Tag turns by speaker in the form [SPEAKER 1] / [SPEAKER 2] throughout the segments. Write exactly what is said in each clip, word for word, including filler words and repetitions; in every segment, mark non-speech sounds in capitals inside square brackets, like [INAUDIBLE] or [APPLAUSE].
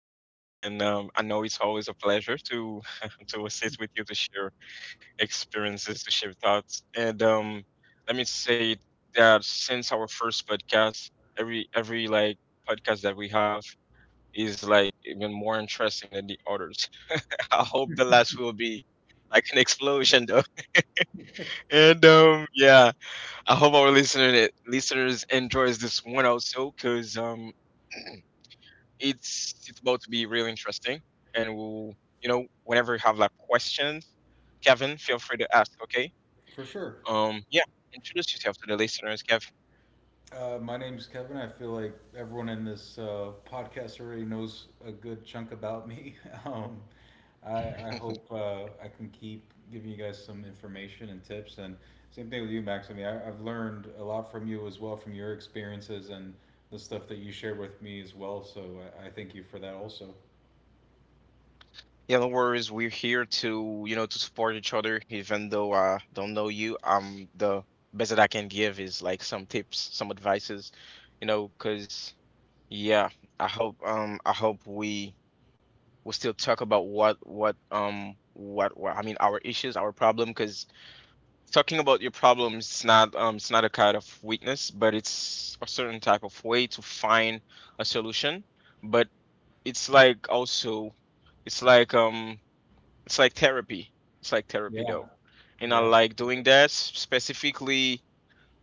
[SPEAKER 1] back, Kevin. And um, I know it's always a pleasure to [LAUGHS] to assist with you to share experiences, to share thoughts. And um, let me say that since our first podcast, every every like podcast that we have is like even more interesting than the others. [LAUGHS] I hope the last will be like an explosion, though. [LAUGHS] And um, yeah, I hope our listener listeners enjoys this one also, cause um. [CLEARS THROAT] it's it's about to be really interesting, and we'll, you know, whenever you have like questions, Kevin, feel free to ask, okay?
[SPEAKER 2] For sure.
[SPEAKER 1] Um yeah, introduce yourself to the listeners, Kevin.
[SPEAKER 2] Uh, my name's Kevin. I feel like everyone in this uh, podcast already knows a good chunk about me. [LAUGHS] Um, I, I hope
[SPEAKER 1] [LAUGHS]
[SPEAKER 2] uh, I can keep giving you guys some information and tips. And same thing with you, Max. I mean, I, I've learned a lot from you as well, from your experiences and the stuff that you share with me as well. So I, I thank you for that also.
[SPEAKER 1] Yeah, no worries, we're here to, you know, to support each other even though I don't know you. Um the best that I can give is like some tips, some advices, you know, because yeah, I hope um I hope we will still talk about what what um what, what I mean, our issues, our problem, because talking about your problems is not um, it's not a kind of weakness, but it's a certain type of way to find a solution. But it's like also, it's like um it's like therapy. It's like therapy
[SPEAKER 2] Yeah,
[SPEAKER 1] though, and I
[SPEAKER 2] yeah,
[SPEAKER 1] like doing that specifically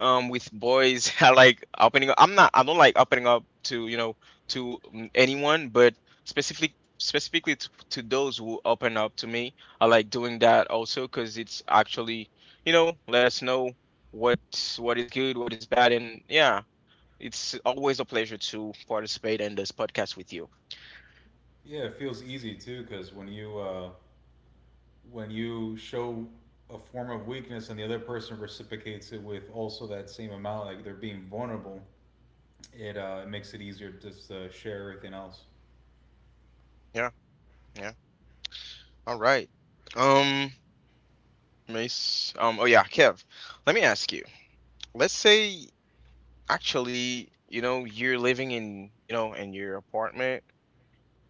[SPEAKER 1] um with boys. [LAUGHS] I like opening up. I'm not I don't like opening up to, you know, to mm, anyone, but specifically specifically to, to those who open up to me. I like doing that also, cuz it's actually, you know, let us know what what is good, what is bad, and yeah, it's always a pleasure to participate in this podcast with you.
[SPEAKER 2] yeah. It feels easy too, because when you uh, when you show a form of weakness and the other person reciprocates it with also that same amount, like they're being vulnerable, it uh, it makes it easier just to share everything else.
[SPEAKER 1] Yeah, yeah. All right. Um, Mace. Um, oh yeah, Kev. Let me ask you. Let's say, actually, you know, you're living in, you know, in your apartment.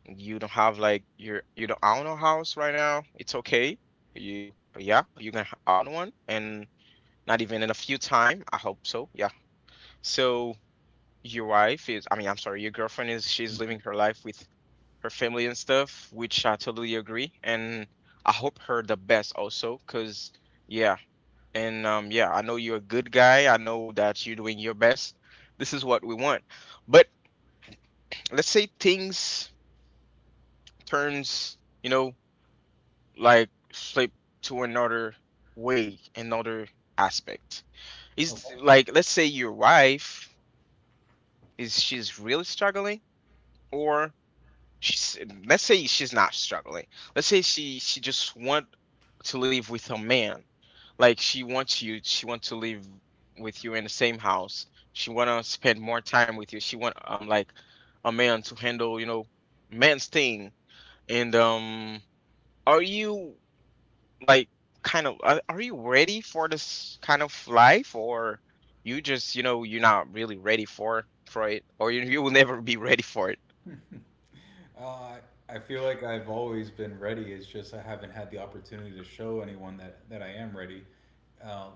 [SPEAKER 1] You don't have like your you don't own a house right now. It's okay. You, yeah, you can h- own one, and not even in a few time. I hope so. Yeah. So your wife is, I mean, I'm sorry, your girlfriend is, she's living
[SPEAKER 2] Mm-hmm.
[SPEAKER 1] her life with her family and stuff, which I totally agree. And I hope her the best also, because, yeah. And um, yeah, I know you're a good guy. I know that you're doing your best. This is what we want. But let's say things turns, you know, like flip to another way, another aspect. Is
[SPEAKER 2] Okay.
[SPEAKER 1] like, let's say your wife is, she's really struggling, or she's, let's say she's not struggling, let's say she she just want to live with her man, like she wants you, she wants to live with you in the same house, she want to spend more time with you, she want um like a man to handle, you know, man's thing, and um are you like kind of are, are you ready for this kind of life, or you just, you know, you're not really ready for for it, or you, you will never be ready for it?
[SPEAKER 2] Uh, I feel like I've always been ready. It's just I haven't had the opportunity to show anyone that, that I am ready. Um,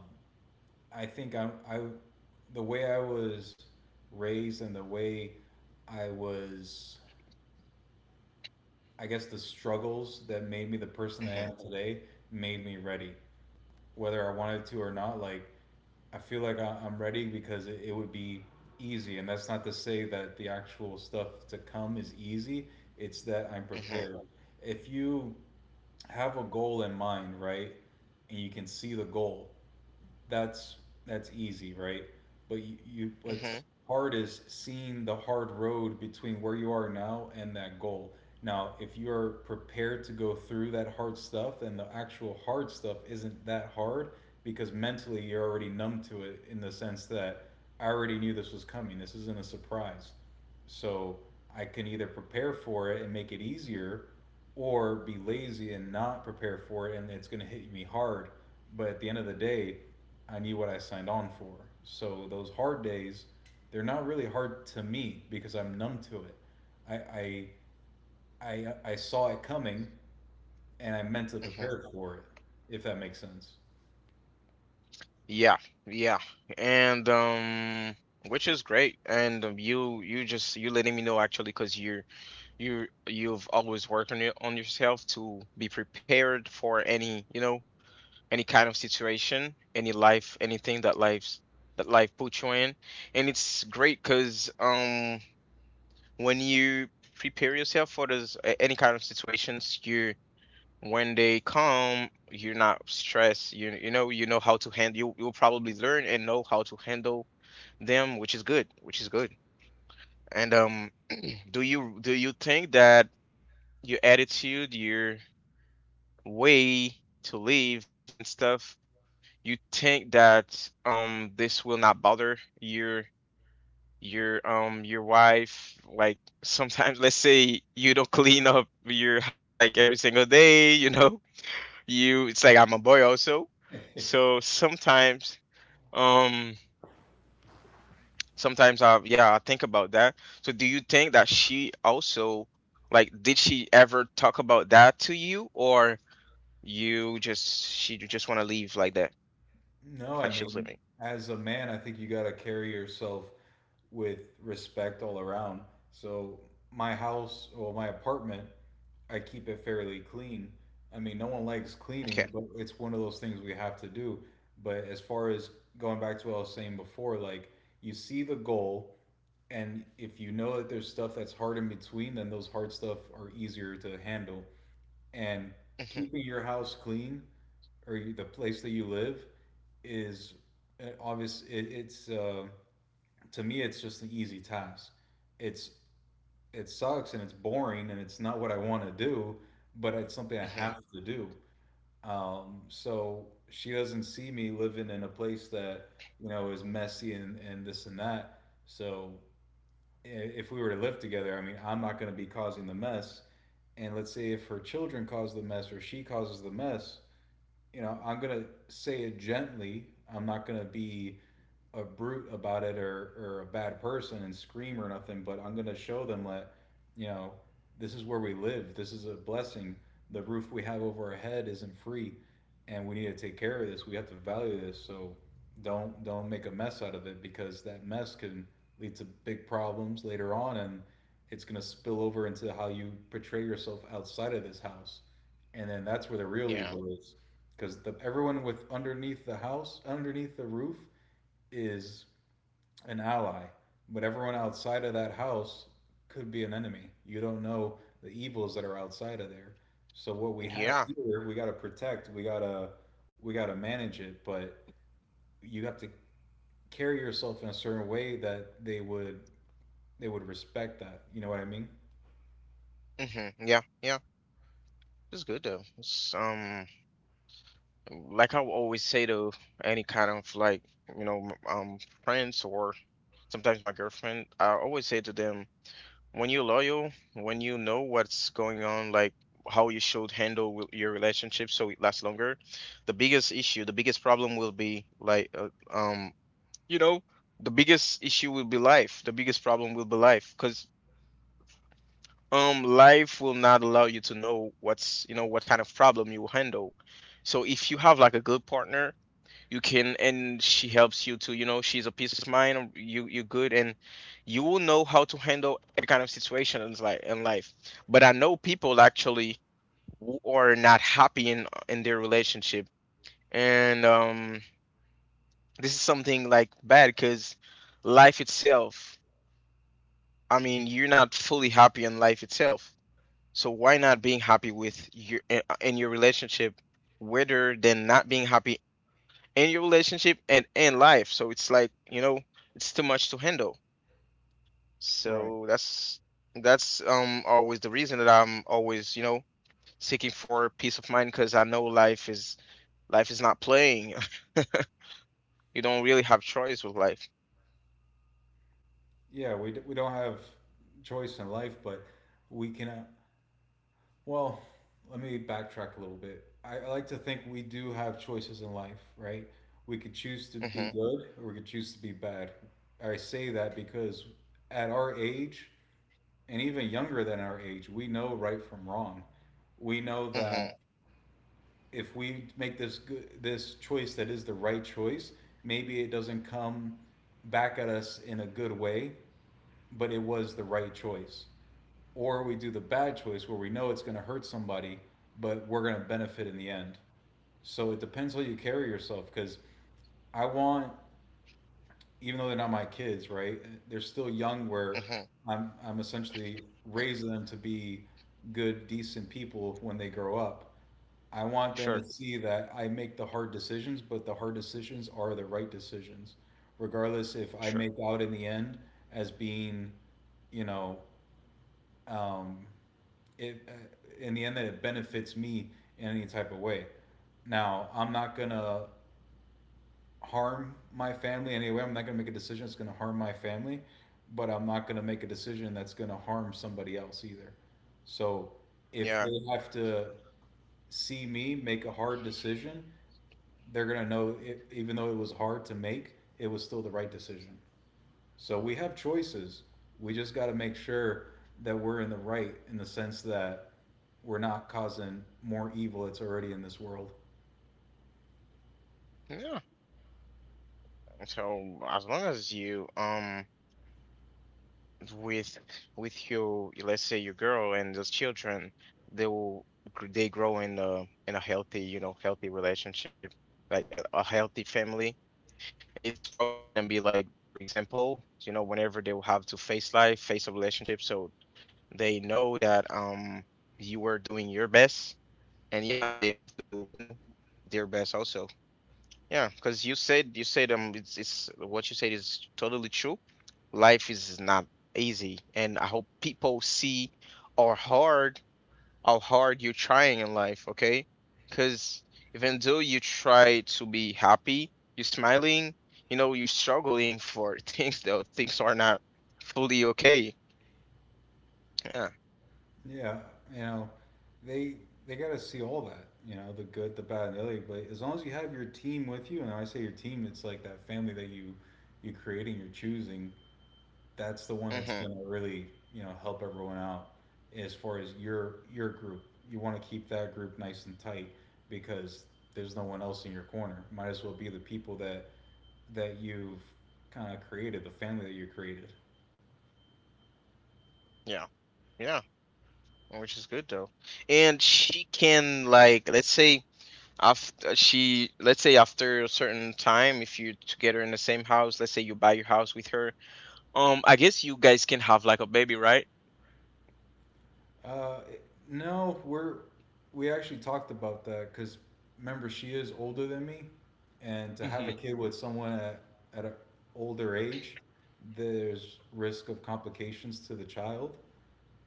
[SPEAKER 2] I think I'm, I, the way I was raised and the way I was, I guess the struggles that made me the person I am
[SPEAKER 1] Hmm.
[SPEAKER 2] today made me ready, whether I wanted to or not. Like, I feel like I- am ready because it would be easy. And that's not to say that the actual stuff to come is easy, it's that I'm
[SPEAKER 1] Hmm.
[SPEAKER 2] prepared. If you have a goal in mind, right, and you can see the goal, that's that's easy, right? But you, you, what's
[SPEAKER 1] Hmm.
[SPEAKER 2] hard is seeing the hard road between where you are now and that goal. Now, if you are prepared to go through that hard stuff, then the actual hard stuff isn't that hard because mentally you're already numb to it in the sense that I already knew this was coming. This isn't a surprise. So I can either prepare for it and make it easier or be lazy and not prepare for it and it's going to hit me hard. But at the end of the day, I knew what I signed on for. So those hard days, they're not really hard to me because I'm numb to it. I I I, I saw it coming and I meant to
[SPEAKER 1] Hmm.
[SPEAKER 2] prepare for it, if that makes sense.
[SPEAKER 1] Yeah, yeah. And um which is great, and um, you, you just you letting me know actually, because you're, you you've always worked on your on yourself to be prepared for any, you know, any kind of situation, any life, anything that life's that life puts you in, and it's great because um when you prepare yourself for those a- any kind of situations, you, when they come, you're not stressed. You you know, you know how to handle. You, you'll probably learn and know how to handle them, which is good, which is good. And um, [CLEARS THROAT] do you do you think that your attitude, your way to live and stuff, you think that um this will not bother your your um your wife, like, sometimes [LAUGHS] let's say you don't clean up your house like every single day, you know, you, it's like I'm a boy also, so sometimes um sometimes I, yeah, I think about that. So do you think that she also, like, did she ever talk about that to you, or you just, she just want to leave like that,
[SPEAKER 2] No, I
[SPEAKER 1] like she was
[SPEAKER 2] mean,
[SPEAKER 1] leaving?
[SPEAKER 2] as a man, I think you gotta carry yourself with respect all around. So my house, well, my apartment, I keep it fairly clean. I mean, no one likes cleaning,
[SPEAKER 1] Okay.
[SPEAKER 2] but it's one of those things we have to do. But as far as going back to what I was saying before, like you see the goal, and if you know that there's stuff that's hard in between, then those hard stuff are easier to handle. And
[SPEAKER 1] Hmm.
[SPEAKER 2] keeping your house clean or the place that you live is uh, obvious. It, it's uh, to me, it's just an easy task. It's it sucks and it's boring and it's not what I want to do, but it's something I have to do. Um, so she doesn't see me living in a place that, you know, is messy and, and this and that. So i- if we were to live together, I mean, I'm not going to be causing the mess. And let's say if her children cause the mess or she causes the mess, you know, I'm gonna say it gently. I'm not gonna be a brute about it or, or a bad person and scream or nothing, but I'm going to show them that, you know, this is where we live. This is a blessing. The roof we have over our head isn't free and we need to take care of this. We have to value this. So don't, don't make a mess out of it because that mess can lead to big problems later on. And it's going to spill over into how you portray yourself outside of this house. And then that's where the real
[SPEAKER 1] Hmm.
[SPEAKER 2] evil is because everyone with underneath the house, underneath the roof, is an ally, but everyone outside of that house could be an enemy. You don't know the evils that are outside of there. So what we have
[SPEAKER 1] Yeah.
[SPEAKER 2] here, we got to protect, we got to we got to manage it, but you have to carry yourself in a certain way that they would they would respect that. You know what I mean?
[SPEAKER 1] Hmm. Yeah. Yeah. It's good though. It's, um, like, I will always say to any kind of like, you know, m- um, friends or sometimes my girlfriend, I always say to them, when you're loyal, when you know what's going on, like how you should handle wi- your relationship so it lasts longer, the biggest issue, the biggest problem will be like, uh, um, you know, the biggest issue will be life. The biggest problem will be life, because um life will not allow you to know what's, you know, what kind of problem you handle. So if you have like a good partner, you can, and she helps you to, you know, she's a peace of mind, um, you, you're good, and you will know how to handle every kind of situations, like, in life. But I know people actually who are not happy in in their relationship, and um this is something like bad, because life itself, I mean, you're not fully happy in life itself. So why not being happy with your eh, uh, in your relationship, rather than not being happy in your relationship and in life? So it's like, you know, it's too much to handle.
[SPEAKER 2] Right.
[SPEAKER 1] So that's that's um always the reason that I'm always, you know, seeking for peace of mind, because I know life is life is not playing. [LAUGHS] You don't really have choice with life.
[SPEAKER 2] Yeah, we we don't have choice in life, but we can— well, let me backtrack a little bit. I, I like to think we do have choices in life, right? We could choose to be
[SPEAKER 1] Mm-hmm.
[SPEAKER 2] good or we could choose to be bad. I say that because at our age, and even younger than our age, we know right from wrong. We know that
[SPEAKER 1] Mm-hmm.
[SPEAKER 2] if we make this good, this choice that is the right choice, maybe it doesn't come back at us in a good way, but it was the right choice, or we do the bad choice where we know it's going to hurt somebody, but we're going to benefit in the end. So it depends how you carry yourself because I want, even though they're not my kids, right? They're still young where
[SPEAKER 1] Mm-hmm.
[SPEAKER 2] I'm, I'm essentially raising them to be good, decent people when they grow up. I want them to
[SPEAKER 1] Sure.
[SPEAKER 2] see that I make the hard decisions, but the hard decisions are the right decisions, regardless if I make
[SPEAKER 1] Sure.
[SPEAKER 2] out in the end as being, you know, um, it uh, in the end, that it benefits me in any type of way. Now, I'm not gonna harm my family anyway. I'm not gonna make a decision that's gonna harm my family, but I'm not gonna make a decision that's gonna harm somebody else either. So if they
[SPEAKER 1] Yeah.
[SPEAKER 2] have to see me make a hard decision, they're gonna know it, even though it was hard to make, it was still the right decision. So we have choices. We just got to make sure that we're in the right in the sense that we're not causing more evil that's already in this world.
[SPEAKER 1] Yeah. So as long as you um with with your, let's say, your girl and those children, they will gr- they grow in a, in a healthy, you know, healthy relationship, like a, a healthy family. It's probably gonna be like their example, you know, whenever they will have to face life, face a relationship, so they know that um you were doing your best, and yeah, they have to do, you know, their best also. Yeah, because you said you said um it's it's what you said is totally true. Life is not easy, and I hope people see our hard, how hard you're trying in life, okay? Because even though you try to be happy, you're smiling, you know, you're struggling for [LAUGHS] things though. Things are not fully okay. Yeah.
[SPEAKER 2] Yeah, you know, they they got to see all that, you know, the good, the bad, and the ugly. But as long as you have your team with you, and when I say your team, it's like that family that you you're creating, you're choosing. That's the one that's
[SPEAKER 1] Mm-hmm.
[SPEAKER 2] going to really, you know, help everyone out. As far as your your group, you want to keep that group nice and tight because there's no one else in your corner. Might as well be the people that that you've kind of created, the family that you created.
[SPEAKER 1] Yeah. Yeah. Which is good though. And she can, like, let's say after she, let's say after a certain time, if you're together in the same house, let's say you buy your house with her, um I guess you guys can have like a baby, right?
[SPEAKER 2] Uh, no, we're we actually talked about that because remember she is older than me, and to have a
[SPEAKER 1] Mm-hmm.
[SPEAKER 2] kid with someone at— at an older age, there's risk of complications to the child.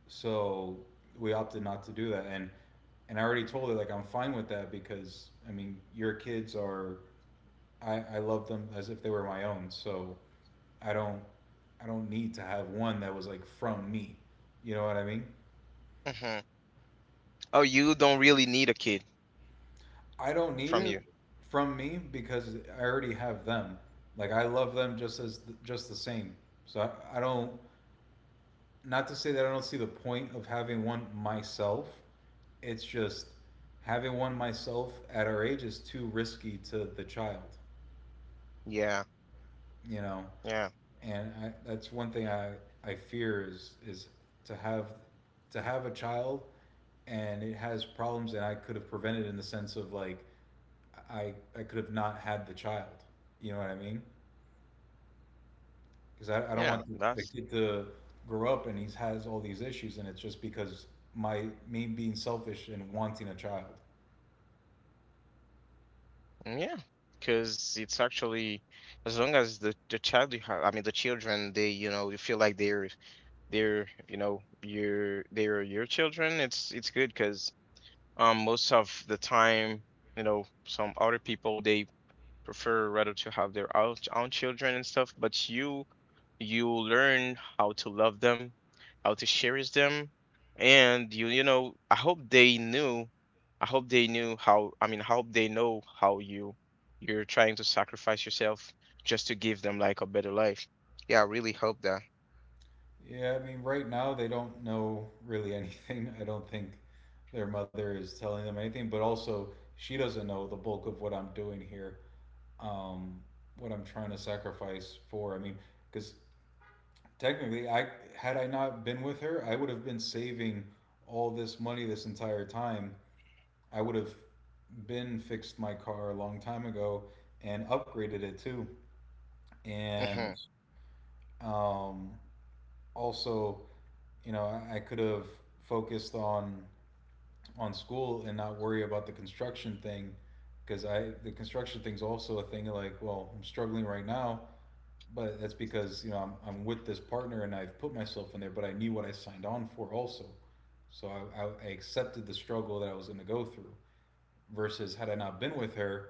[SPEAKER 2] So we opted not to do that, and and I already told her like I'm fine with that because I mean your kids are— I I love them as if they were my own, so I don't— I don't need to have one that was like from me, you know what I mean?
[SPEAKER 1] Mm-hmm. Oh, you don't really need a kid
[SPEAKER 2] I don't need
[SPEAKER 1] from
[SPEAKER 2] it
[SPEAKER 1] you.
[SPEAKER 2] from me because I already have them. Like I love them just as just the same. So I, I don't— not to say that I don't see the point of having one myself. It's just having one myself at our age is too risky to the child,
[SPEAKER 1] Yeah,
[SPEAKER 2] you know.
[SPEAKER 1] yeah,
[SPEAKER 2] And I, that's one thing I, I fear is— is to have— to have a child and it has problems and I could have prevented, in the sense of like I I could have not had the child. You know what I mean? Because I, I don't
[SPEAKER 1] yeah.
[SPEAKER 2] want the, the
[SPEAKER 1] That's
[SPEAKER 2] kid to grow up and he has all these issues and it's just because my— me being selfish and wanting a child.
[SPEAKER 1] mm, yeah, because it's actually, as long as the, the child you have, I mean the children, they, you know, you feel like they're they're you know your, they're your children. It's it's good because um most of the time, you know, some other people, they prefer rather to have their own, own children and stuff, but you you learn how to love them, how to cherish them, and you you know, I hope they knew, I hope they knew how, I mean, I hope they know how you, you're trying to sacrifice yourself just to give them like a better life. Yeah, I really hope that.
[SPEAKER 2] Yeah, I mean right now they don't know really [LAUGHS] anything, I don't think. Their mother is telling them anything, but also she doesn't know the bulk of what I'm doing here. um, what I'm trying to sacrifice for, I mean, because technically I— had I not been with her, I would have been saving all this money this entire time. I would have been fixed my car a long time ago and upgraded it too.
[SPEAKER 1] Mm-hmm.
[SPEAKER 2] And um, also, you know, I, I could have focused on— on school and not worry about the construction thing because I— the construction thing's also a thing of like, well, I'm struggling right now, but that's because, you know, I'm I'm with this partner and I've put myself in there, but I knew what I signed on for also, so I I, I accepted the struggle that I was going to go through. Versus had I not been with her,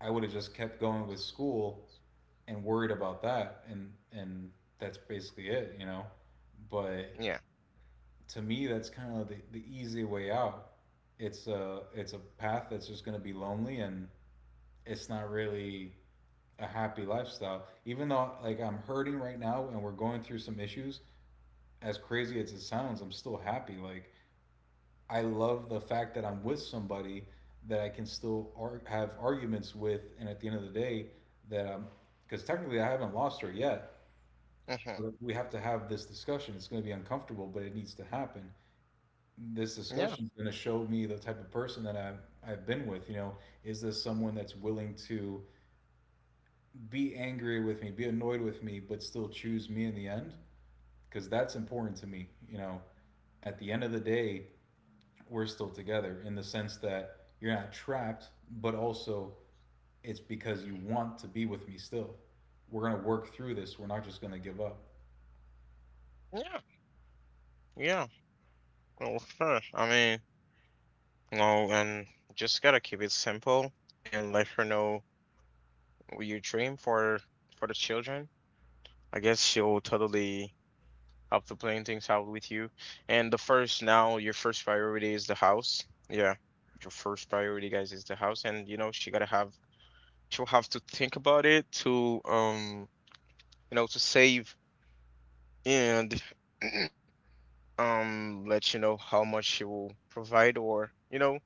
[SPEAKER 2] I would have just kept going with school and worried about that and and that's basically it, you know. But
[SPEAKER 1] Yeah.
[SPEAKER 2] to me that's kind of the, the easy way out. It's a it's a path that's just going to be lonely and it's not really a happy lifestyle. Even though like I'm hurting right now and we're going through some issues, as crazy as it sounds, I'm still happy like I love the fact that I'm with somebody that I can still ar- have arguments with, and at the end of the day, that I'm, because technically I haven't lost her yet.
[SPEAKER 1] Hmm.
[SPEAKER 2] But we have to have this discussion. It's going to be uncomfortable, but it needs to happen. This
[SPEAKER 1] Yeah.
[SPEAKER 2] discussion is going to show me the type of person that I've, I've been with. You know, is this someone that's willing to be angry with me, be annoyed with me, but still choose me in the end? Because that's important to me. You know, at the end of the day, we're still together in the sense that you're not trapped, but also it's because you want to be with me still. We're going to work through this. We're not just going to give up.
[SPEAKER 1] Yeah. Yeah. Well, sure. I mean, no, and just gotta keep it simple and let her know your dream for for the children. I guess she'll totally help to plan things out with you. And the first now, your first priority is the house. Yeah, your first priority, guys, is the house. And you know, she gotta have, she'll have to think about it to, um you know, to save, and [CLEARS THROAT] um let you know how much she will provide, or, you know,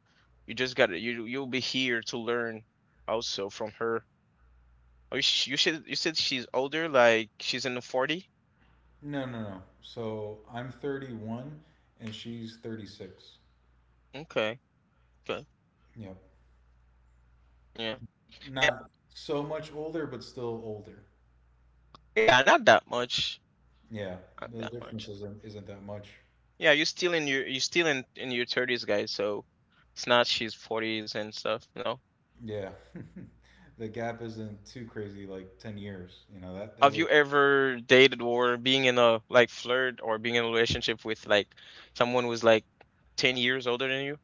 [SPEAKER 1] you just gotta, you, you'll be here to learn also from her. Oh, you sh- you should, you said she's older, like she's in the forty?
[SPEAKER 2] No, no, no. So I'm thirty-one and she's thirty-six.
[SPEAKER 1] Okay, okay.
[SPEAKER 2] Yep.
[SPEAKER 1] Yeah. Yeah,
[SPEAKER 2] Not so much older, but still older.
[SPEAKER 1] yeah, not that much.
[SPEAKER 2] Yeah.
[SPEAKER 1] Not
[SPEAKER 2] The
[SPEAKER 1] that
[SPEAKER 2] difference
[SPEAKER 1] much.
[SPEAKER 2] isn't, isn't that much.
[SPEAKER 1] Yeah, you're still in your, you're still in in your thirties, guys, so it's not she's forties and stuff, you know.
[SPEAKER 2] Yeah. [LAUGHS] The gap isn't too crazy, like ten years. You know, that, that
[SPEAKER 1] Have
[SPEAKER 2] would.
[SPEAKER 1] you ever dated or being in a like flirt or being in a relationship with like someone who's like ten years older than you?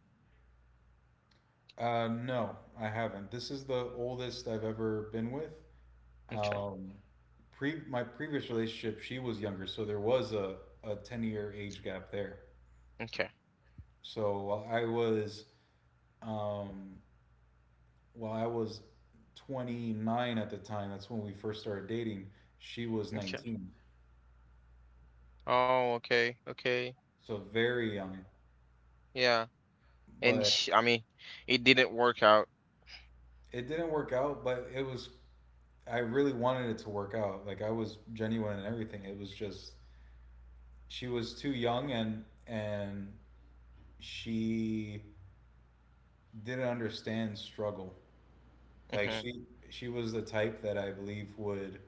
[SPEAKER 2] Uh, no, I haven't. This is the oldest I've ever been with.
[SPEAKER 1] Okay.
[SPEAKER 2] Um, pre My previous relationship, she was younger, so there was a a ten year age gap there.
[SPEAKER 1] Okay.
[SPEAKER 2] So while I was um, while I was twenty nine at the time, that's when we first started dating. She was
[SPEAKER 1] Okay.
[SPEAKER 2] nineteen,
[SPEAKER 1] Oh, okay. Okay.
[SPEAKER 2] so very young.
[SPEAKER 1] Yeah. And
[SPEAKER 2] But
[SPEAKER 1] sh, I mean, it didn't work out.
[SPEAKER 2] it didn't work out. But it was I really wanted it to work out. Like I was genuine and everything. It was just she was too young and and she didn't understand struggle. Like
[SPEAKER 1] Mm-hmm.
[SPEAKER 2] she she was the type that I believe would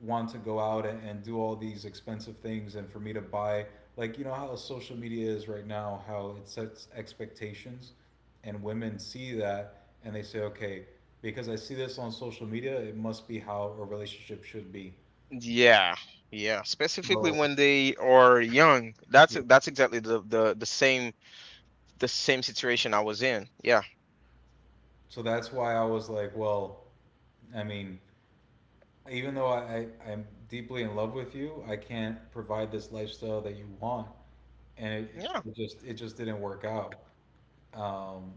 [SPEAKER 2] want to go out and, and do all these expensive things and for me to buy, like, you know how social media is right now, how it sets expectations and women see that and they say, okay, because I see this on social media, it must be how a relationship should be.
[SPEAKER 1] Yeah, yeah. Specifically
[SPEAKER 2] So
[SPEAKER 1] when they are young. That's
[SPEAKER 2] yeah.
[SPEAKER 1] that's exactly the the the same the same situation I was in. Yeah,
[SPEAKER 2] So that's why I was like, well, I mean, even though I, I, I'm deeply in love with you, I can't provide this lifestyle that you want, and it,
[SPEAKER 1] yeah.
[SPEAKER 2] it just it just didn't work out, um,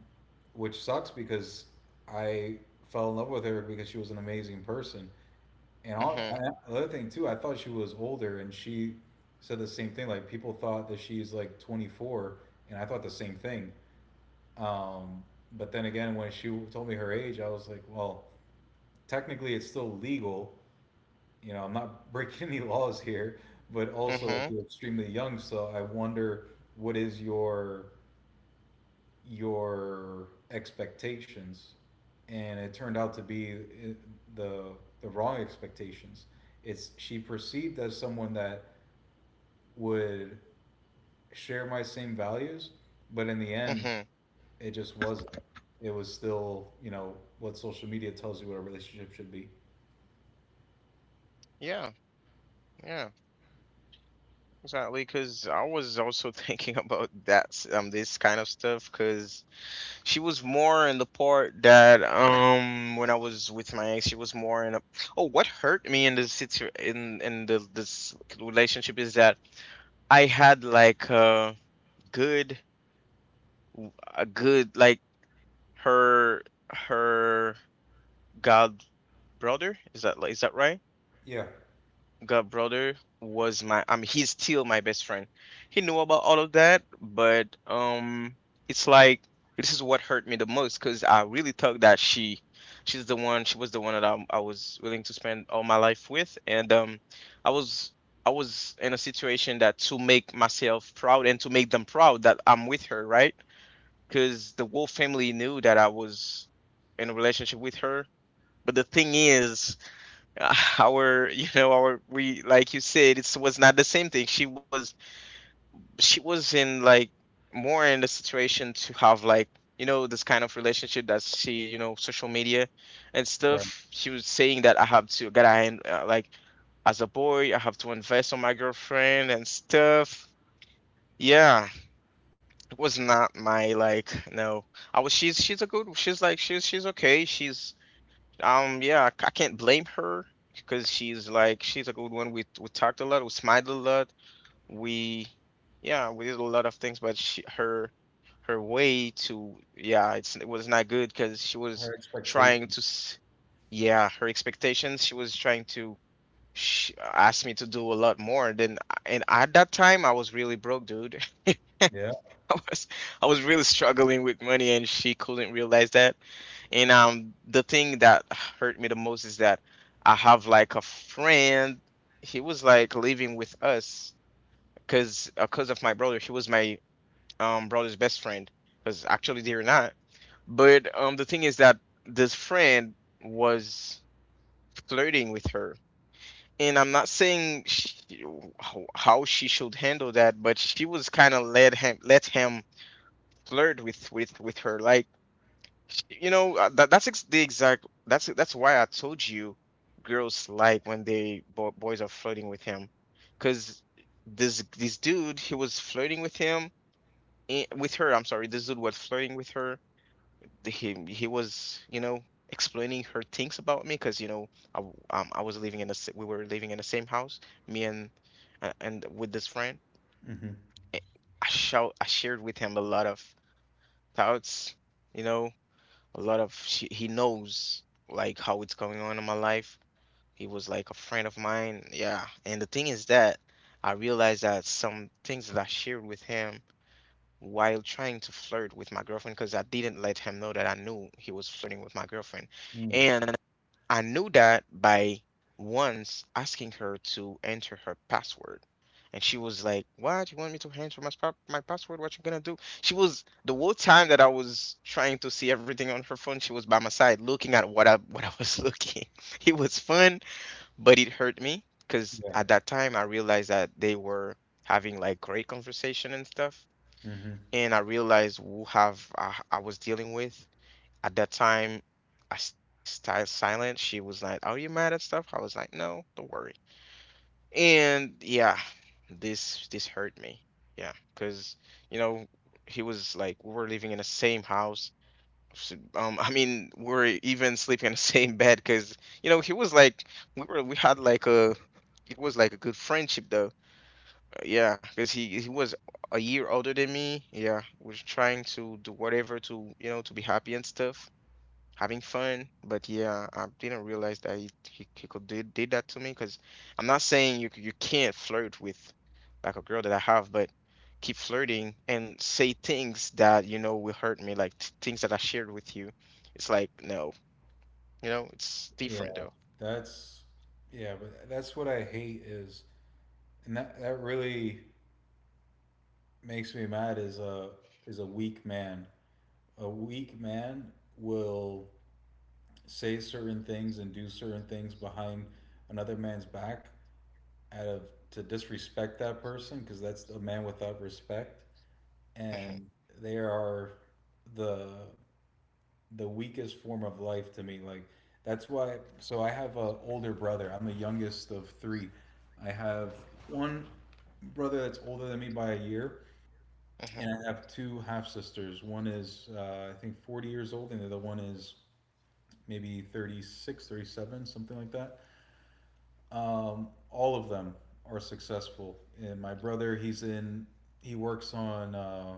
[SPEAKER 2] which sucks because I fell in love with her because she was an amazing person. And all,
[SPEAKER 1] Mhm,
[SPEAKER 2] I, another thing too, I thought she was older, and she said the same thing. Like people thought that she's like twenty-four, and I thought the same thing. Um, but then again, when she told me her age, I was like, well, technically it's still legal. You know, I'm not [LAUGHS] breaking any laws here, but also like
[SPEAKER 1] mhm,
[SPEAKER 2] you're extremely young, so I wonder what is your your expectations, and it turned out to be uh, the the wrong expectations. It's she perceived as someone that would share my same values, but in the end,
[SPEAKER 1] mhm.
[SPEAKER 2] it just wasn't. It was still, you know, what social media tells you what a relationship should be.
[SPEAKER 1] Yeah, yeah. Exactly. Because I was also [LAUGHS] thinking about that s- um this kind of stuff. Because she was more in the part that um when I was with my ex, she was more in a. Oh, what hurt me in this situ in in the this relationship is that I had like a good w- a good like her her god brother, is that li- is that right?
[SPEAKER 2] Yeah.
[SPEAKER 1] God brother was my, I mean, he's still my best friend. He knew about all of that, but um it's like, this is what hurt me the most because I really thought that she she's the one. She was the one that I, I was willing to spend all my life with. And um i was i was in a situation that, to make myself proud and to make them proud that I'm with her, right? Because the Wolf family knew that I was in a relationship with her. But the thing is, [LAUGHS] uh, our you know our, we, like you said, it was not the same thing. She was, she was in like, more in the situation to have like, you know, this kind of relationship that she, you know, social media and
[SPEAKER 2] Right.
[SPEAKER 1] stuff. She was saying that I have to, that I, uh, like, as a boy I have to invest on my girlfriend and stuff. Yeah, was not my like, no. I was she's she's a good, she's like, she's she's okay, she's, um yeah, I c- I can't blame her because she's like, she's a good one. We we talked a lot, we smiled a lot, we, yeah, we did a lot of things. But she, her, her way to, yeah, it's, it was not good because she
[SPEAKER 2] Her
[SPEAKER 1] was
[SPEAKER 2] expectation.
[SPEAKER 1] trying to s- yeah, her expectations. She was trying to sh ask me to do a lot more than, and at that time I was really broke, dude. [LAUGHS]
[SPEAKER 2] Yeah.
[SPEAKER 1] [LAUGHS] I was, I was really struggling with money and she couldn't realize that. And um the thing that hurt me the most is that I have like a friend, he was like living with us because because of my brother. He was my um brother's best friend, because actually they were not. But um the thing is that this friend was flirting with her. And I'm not saying she, how how she should handle that, but she was kind of let him, let him flirt with with with her, like, sh- you know, uh, that that's ex- the exact, that's that's why I told you, girls like when they bo- boys are flirting with him because, this this dude he was flirting with him, eh, with her, I'm sorry, this dude was flirting with her. The- he he was, you know, explaining her things about me, because, you know, I w- um I was living in the, we were living in the same house, me and uh, and with this friend.
[SPEAKER 2] Mm-hmm.
[SPEAKER 1] Eh, I shout I shared with him a lot of thoughts, you know, a lot of, she, he knows, like how it's going on in my life. He was like a friend of mine, yeah. And the thing is that I realized that some things that I shared with him while trying to flirt with my girlfriend, because I didn't let him know that I knew he was flirting with my girlfriend,
[SPEAKER 2] Mm.
[SPEAKER 1] and I knew that by once asking her to enter her password. And she was like, "What? You want me to enter my, spa- my password? What you gonna do?" She was, the whole time that I was trying to see everything on her phone, she was by my side looking at what I, what I was [LAUGHS] looking. It was fun, but it hurt me because
[SPEAKER 2] Yeah.
[SPEAKER 1] at that time I realized that they were having like great conversation and stuff.
[SPEAKER 2] Mm-hmm.
[SPEAKER 1] And I realized who have I, I was dealing with. At that time, I stay sti silent. She was like, "Are you mad at stuff?" I was like, "No, don't worry." And yeah, this this hurt me. Yeah, because, you know, he was like, we were living in the same house. s- Um, I mean, we were even sleeping in the [LAUGHS] same bed because, you know, he was like, we were, we had like a, it was like a good friendship though. Uh, yeah, because he he was a year older than me. Yeah, was trying to do whatever to, you know, to be happy and stuff, having fun. But yeah, I didn't realize that he, he, he could did, did that to me because, I'm not saying you c- you can't flirt with like a girl that I have, but keep flirting and say things that you know will hurt me, like t things that I shared with you. It's like, no, you know, it's
[SPEAKER 2] Yeah.
[SPEAKER 1] different though.
[SPEAKER 2] That's yeah, but that's what I hate is, and that that really makes me mad is a is a weak man. A weak man will say certain things and do certain things behind another man's back, out of to disrespect that person because that's a man without respect,
[SPEAKER 1] Mhm,
[SPEAKER 2] and they are the the weakest form of life to me. Like that's why, so I have a older brother. I'm the youngest of three. I have one brother that's older than me by a year, and
[SPEAKER 1] mhm,
[SPEAKER 2] I have two half sisters. One is, uh, I think, forty years old, and the other one is maybe thirty-six, thirty-seven, something like that. Um, all of them are successful. And my brother, he's in, he works on uh,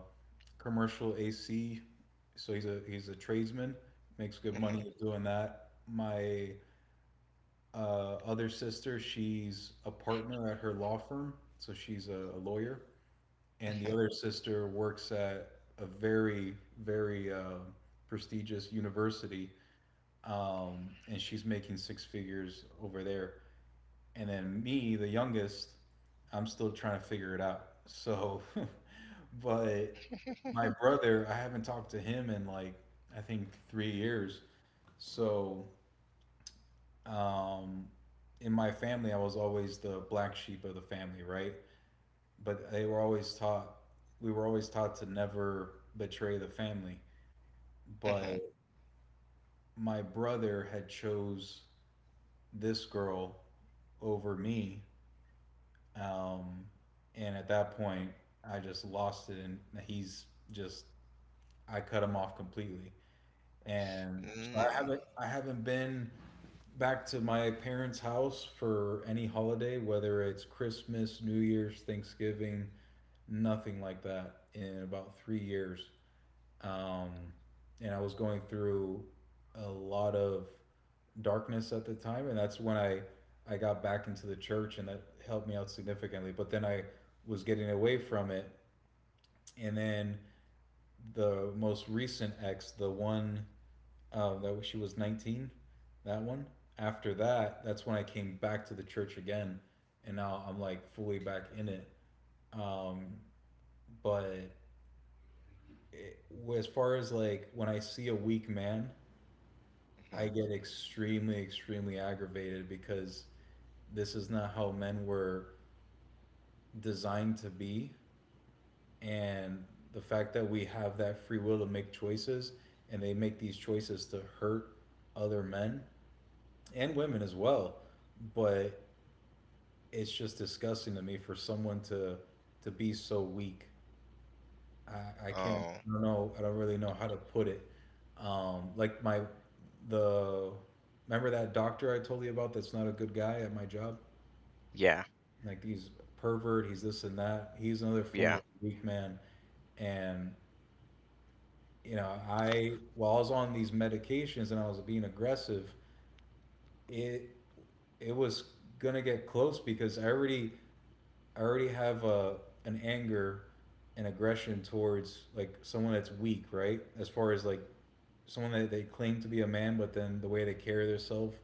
[SPEAKER 2] commercial A C, so he's a he's a tradesman, makes good
[SPEAKER 1] mhm,
[SPEAKER 2] money doing that. My uh, other sister, she's a partner at her law firm, so she's a, a lawyer, and the
[SPEAKER 1] mhm,
[SPEAKER 2] other sister works at a very very uh, prestigious university, um, and she's making six figures over there. And then me, the youngest, I'm still trying to figure it out, so [LAUGHS] but my brother, I haven't talked to him in like, I think, three years. So um, in my family I was always the black sheep of the family, right? But they were always taught, we were always taught to never betray the family, but
[SPEAKER 1] mhm,
[SPEAKER 2] my brother had chose this girl over me. Um, and at that point I just lost it, and he's just, I cut him off completely. And so i
[SPEAKER 1] mm,
[SPEAKER 2] haven't I haven't been back to my parents house for any holiday, whether it's Christmas, New Year's, Thanksgiving, nothing like that in about three years. Um, and I was going through a lot of darkness at the time, and that's when I I got back into the church, and that helped me out significantly. But then I was getting away from it, and then the most recent ex, the one uh, that she was nineteen, that one. After that, that's when I came back to the church again, and now I'm like fully back in it. Um, but it, as far as like when I see a weak man, I
[SPEAKER 1] mhm.
[SPEAKER 2] get extremely, extremely aggravated because this is not how men were designed to be. And the fact that we have that free will to make choices, and they make these choices to hurt other men and women as well. But it's just disgusting to me for someone to to be so weak. I, I can't,
[SPEAKER 1] Oh,
[SPEAKER 2] I don't know, I don't really know how to put it. Um, like my the Remember that doctor I told you about that's not a good guy at my job?
[SPEAKER 1] yeah,
[SPEAKER 2] Like he's a pervert, he's this and that. He's another form of
[SPEAKER 1] yeah.
[SPEAKER 2] weak man. And you know, I while I was on these medications and I was being aggressive, it it was gonna get close because I already I already have a an anger and aggression towards like someone that's weak, right? As far as like someone that they claim to be a man, but then the way they carry themselves,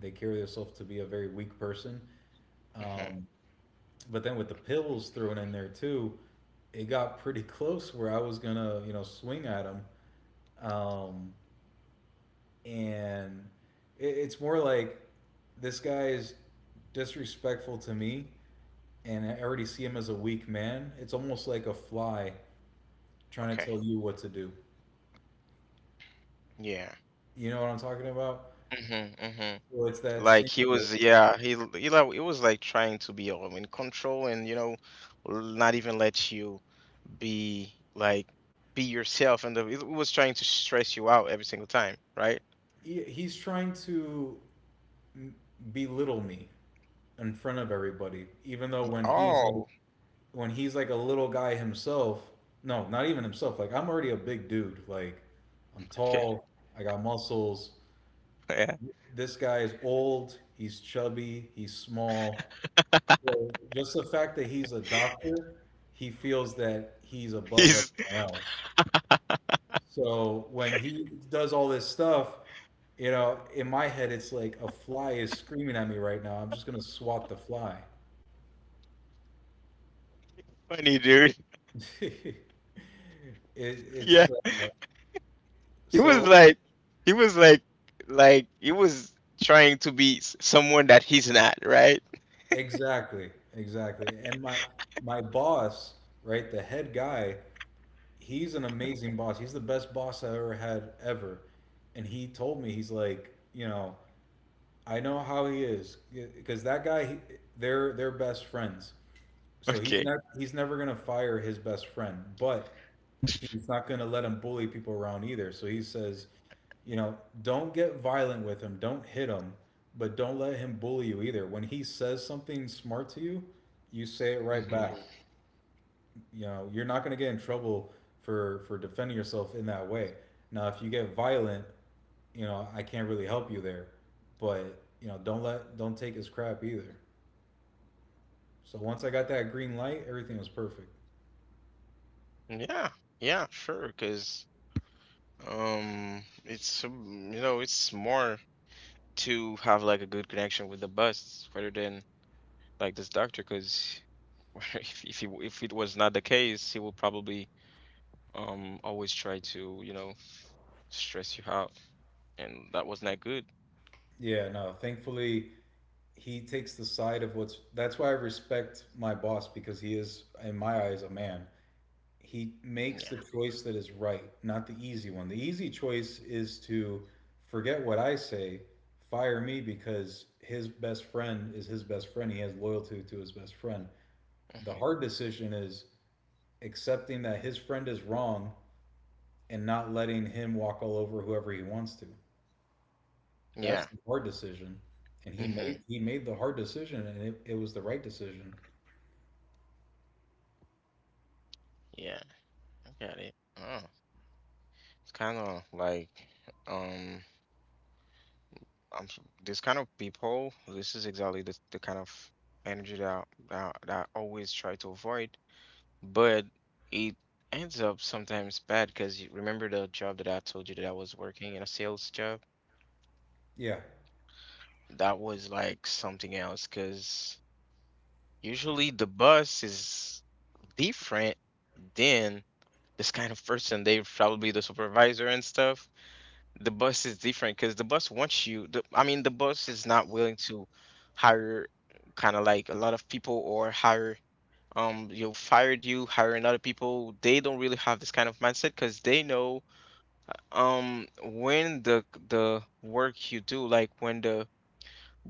[SPEAKER 2] they carry themselves to be a very weak person.
[SPEAKER 1] Mhm.
[SPEAKER 2] Um, but then with the pills thrown in there too, it got pretty close where I was gonna, you know, swing at him. Um, and it, it's more like this guy is disrespectful to me, and I already see him as a weak man. It's almost like a fly trying to
[SPEAKER 1] Okay,
[SPEAKER 2] tell you what to do.
[SPEAKER 1] yeah.
[SPEAKER 2] You know what I'm talking about?
[SPEAKER 1] Hmm.
[SPEAKER 2] So it's that
[SPEAKER 1] Like
[SPEAKER 2] same.
[SPEAKER 1] he was, yeah, he l- he like, it was like trying to be all in control and, you know, l- not even let you be like, be yourself, and the, it was trying to stress you out every single time, right?
[SPEAKER 2] He, he's trying to belittle me in front of everybody, even though when he's like
[SPEAKER 1] Oh,
[SPEAKER 2] when he's like a little guy himself. No, not even himself. Like I'm already a big dude. Like I'm
[SPEAKER 1] okay. [LAUGHS]
[SPEAKER 2] tall. I got muscles.
[SPEAKER 1] Yeah.
[SPEAKER 2] This guy is old. He's chubby. He's small. So just the fact that he's a doctor, he feels that he's above
[SPEAKER 1] He's
[SPEAKER 2] everyone else. So when he does all this stuff, you know, in my head, it's like a fly is screaming at me right now. I'm just gonna swat the fly.
[SPEAKER 1] funny, dude. [LAUGHS]
[SPEAKER 2] [LAUGHS] it,
[SPEAKER 1] Yeah.
[SPEAKER 2] it's uh,
[SPEAKER 1] He was
[SPEAKER 2] so
[SPEAKER 1] like he was like like he was trying to be s- someone that he's not, right? [LAUGHS]
[SPEAKER 2] Exactly, exactly. And my my boss, right, the head guy, he's an amazing boss. He's the best boss I ever had ever. And he told me, he's like, you know, I know how he is because that guy, he, they're they're best friends. So he's
[SPEAKER 1] Okay.
[SPEAKER 2] not he's never gonna fire his best friend, but he's not gonna let him bully people around either. So he says, you know, don't get violent with him. Don't hit him, but don't let him bully you either. When he says something smart to you, you say it
[SPEAKER 1] Hmm.
[SPEAKER 2] right back. You know, you're not going to get in trouble for for defending yourself in that way. Now, if you get violent, you know, I can't really help you there, but you know, don't let don't take his crap either. So once I got that green light, everything was perfect.
[SPEAKER 1] Yeah. Yeah, sure, because um it's, um, you know, it's more to have like a good connection with the bus rather than like this doctor because, [LAUGHS] if if, he, if it was not the case, he will probably um always try to, you know, stress you out, and that was not good.
[SPEAKER 2] Yeah, no, thankfully he takes the side of what's that's why I respect my boss, because he is in my eyes a man. He makes
[SPEAKER 1] Yeah.
[SPEAKER 2] the choice that is right, not the easy one. The easy choice is to forget what I say, fire me because his best friend is his best friend. He has loyalty to his best friend. The
[SPEAKER 1] Hmm.
[SPEAKER 2] hard decision is accepting that his friend is wrong and not letting him walk all over whoever he wants to.
[SPEAKER 1] Yeah.
[SPEAKER 2] That's the hard decision. And he
[SPEAKER 1] Hmm.
[SPEAKER 2] made he made the hard decision, and it, it was the right decision.
[SPEAKER 1] Yeah, I got it. Oh, it's kind of like, um i'm s- this kind of people, this is exactly the, the kind of energy that, I- that I- that I always try to avoid, but it ends up sometimes bad, because you remember the job that I told you that I was working in a sales job?
[SPEAKER 2] Yeah.
[SPEAKER 1] That was like something else because usually the boss is different than this kind of person. They probably the supervisor and stuff. The boss is different because the boss wants you. The, I mean, the boss is not willing to hire kind of like a lot of people or hire, um you fired, you hiring other people. They don't really have this kind of mindset because they know, um when the the work you do, like when the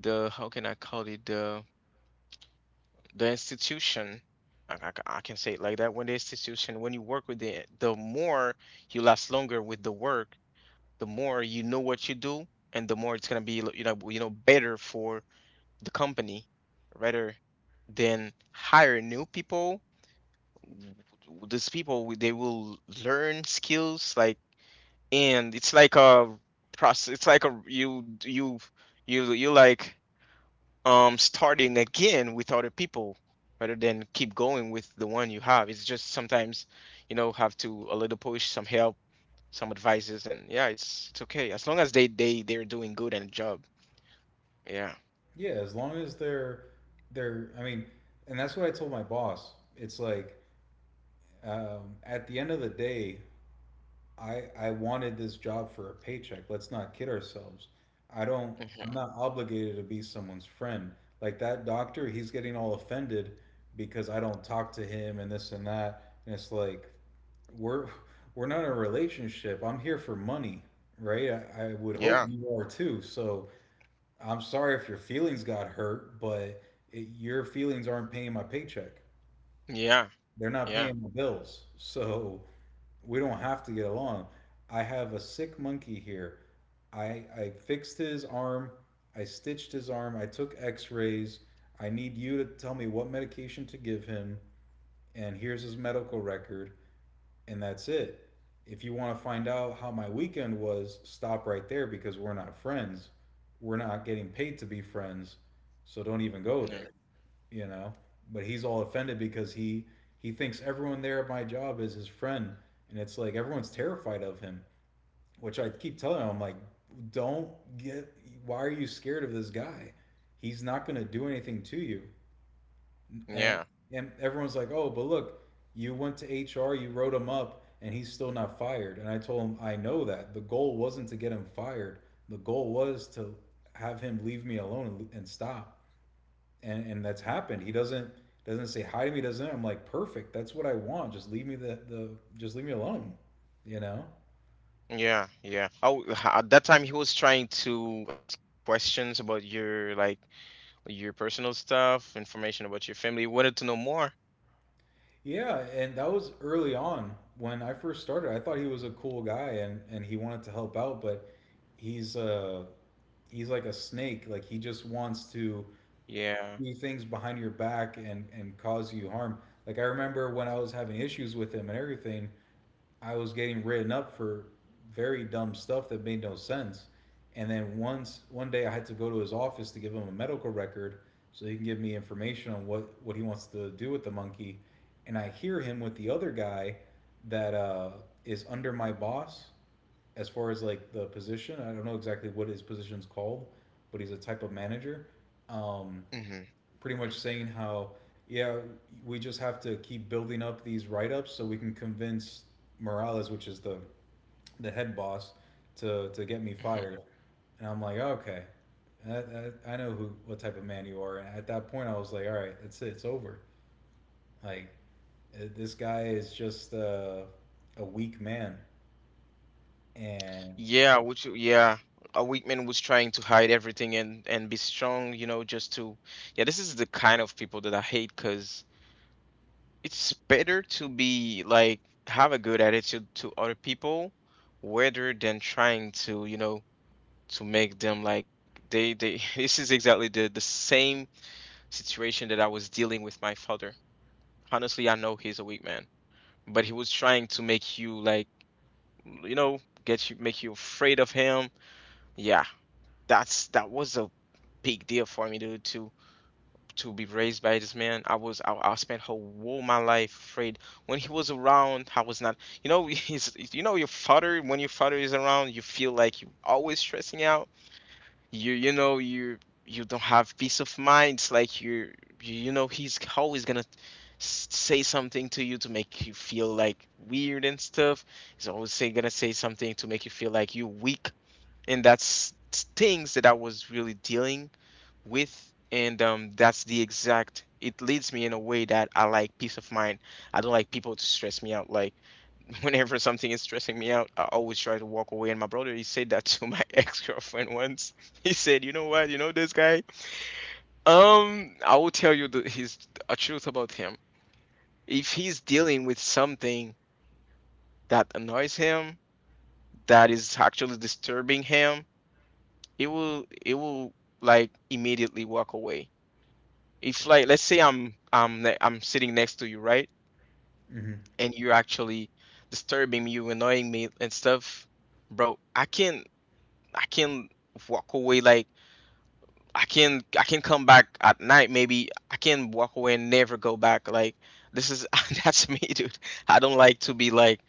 [SPEAKER 1] the how can I call it, the the institution, I, I, ca- I can say it like that, when the institution, when you work with it, the more you last longer with the work, the more you know what you do, and the more it's gonna be, you know, you know better for the company rather than hire new people. w- w- these people, w- they will learn skills like, and it's like a process, it's like a, you you you you like, um starting again with other people rather than keep going with the one you have. It's just, sometimes, you know, have to a little push, some help, some advices, and yeah, it's it's okay as long as they they they're doing good and job. Yeah.
[SPEAKER 2] Yeah, as long as they're they're, I mean, and that's what I told my boss. It's like um, at the end of the day, I I wanted this job for a paycheck. Let's not kid ourselves. I don't. I'm
[SPEAKER 1] Hmm.
[SPEAKER 2] not obligated to be someone's friend. Like that doctor, he's getting all offended because I don't talk to him and this and that. And it's like we're we're not in a relationship. I'm here for money, right? I, I would hope
[SPEAKER 1] Yeah,
[SPEAKER 2] you are too. So I'm sorry if your feelings got hurt, but it, your feelings aren't paying my paycheck.
[SPEAKER 1] yeah,
[SPEAKER 2] They're not
[SPEAKER 1] yeah,
[SPEAKER 2] paying my bills. So we don't have to get along. I have a sick monkey here. I I fixed his arm. I stitched his arm. I took X-rays. I need you to tell me what medication to give him, and here's his medical record, and that's it. If you want to find out how my weekend was, stop right there because we're not friends. We're not getting paid to be friends, so don't even go
[SPEAKER 1] yeah,
[SPEAKER 2] there, you know. But he's all offended because he he thinks everyone there at my job is his friend, and it's like everyone's terrified of him. Which I keep telling him, I'm like, don't get. Why are you scared of this guy? He's not going to do anything to you.
[SPEAKER 1] yeah,
[SPEAKER 2] And and everyone's like, oh, but look, you went to H R, you wrote him up, and he's still not fired. And I told him, I know that. The goal wasn't to get him fired. The goal was to have him leave me alone and, and stop and and that's happened. He doesn't doesn't say hi to me. Doesn't I'm like perfect. That's what I want. Just leave me the the just leave me alone. You know.
[SPEAKER 1] yeah, yeah. Oh, h- at that time, he was trying to ask you questions about your like, your personal stuff, information about your family. You wanted to know more.
[SPEAKER 2] Yeah, and that was early on when I first started. I thought he was a cool guy and and he wanted to help out, but he's uh he's like a snake. Like he just wants to
[SPEAKER 1] Yeah.
[SPEAKER 2] do things behind your back and and cause you harm. Like I remember when I was having issues with him and everything, I was getting written up for very dumb stuff that made no sense. And then once one day I had to go to his office to give him a medical record so he can give me information on what, what he wants to do with the monkey. And I hear him with the other guy that uh, is under my boss as far as like the position. I don't know exactly what his position's called, but he's a type of manager. Um,
[SPEAKER 1] Hmm.
[SPEAKER 2] pretty much saying how yeah we just have to keep building up these write-ups so we can convince Morales, which is the the head boss, to to get me
[SPEAKER 1] Hmm.
[SPEAKER 2] fired. And I'm like, okay, I, I, I know who what type of man you are. And at that point, I was like, all right, that's it, it's over. Like eh, this guy is just uh, a weak man. And
[SPEAKER 1] Yeah, which, yeah, a weak man was trying to hide everything and and be strong, you know, just to, yeah, this is the kind of people that I hate. Cause it's better to be like, have a good attitude to other people rather than trying to, you know, to make them like they they [LAUGHS] this is exactly the the same situation that I was dealing with my father. Honestly, I know he's a weak man, but he was trying to make you like, you know, get you, make you afraid of him. Yeah, that's, that was a big deal for me to to to be raised by this man. I was i, I spent whole my life afraid. When he was around, I was not, you know. [LAUGHS] He's, you know, your father, when your father is around, you feel like you are always stressing out. You you know, you you don't have peace of mind. It's like you, you you know, he's always gonna s- say something to you to make you feel like weird and stuff. He's always say, gonna say something to make you feel like you're weak, and that's things that I was really dealing with. And um, that's the exact. It leads me in a way that I like peace of mind. I don't like people to stress me out. Like, [LAUGHS] whenever something is stressing me out, I always try to walk away. And my brother, he said that to my [LAUGHS] ex-girlfriend once. He said, "You know what? You know this guy? Um, I will tell you the, his, a truth about him. If he's dealing with something that annoys him, that is actually disturbing him, it will it will like immediately walk away. If, like, let's say I'm I'm ne- I'm sitting next to you, right?
[SPEAKER 2] hmm
[SPEAKER 1] And you're actually disturbing me, you annoying me and stuff, bro. I can I can walk away, like I can I can come back at night, maybe I can walk away and never go back. Like, this is [LAUGHS] that's me, dude. I don't like to be like,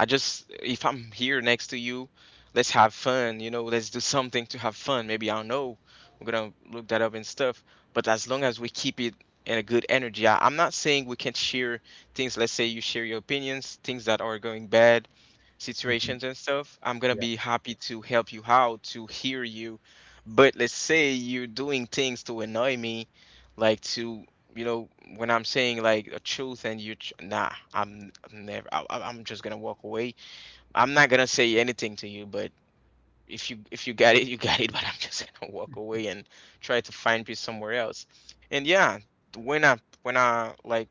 [SPEAKER 1] I just, if I'm here next to you, let's have fun, you know, let's do something to have fun. Maybe I don't know. We're gonna look that up and stuff. But as long as we keep it in a good energy, I, I'm not saying we can't share things. Let's say you share your opinions, things that are going bad,
[SPEAKER 2] hmm
[SPEAKER 1] situations and stuff. I'm gonna
[SPEAKER 2] yeah,
[SPEAKER 1] be happy to help you out, to hear you. But let's say you're doing things to annoy me, like to, you know, when I'm saying like a truth and you tr- nah, i'm, I'm never, I, I- i'm just gonna walk away. I'm not gonna say anything to you, but if you if you got it, you got it, [LAUGHS] but I'm just gonna walk away and try to find peace somewhere else. And yeah, when i when i like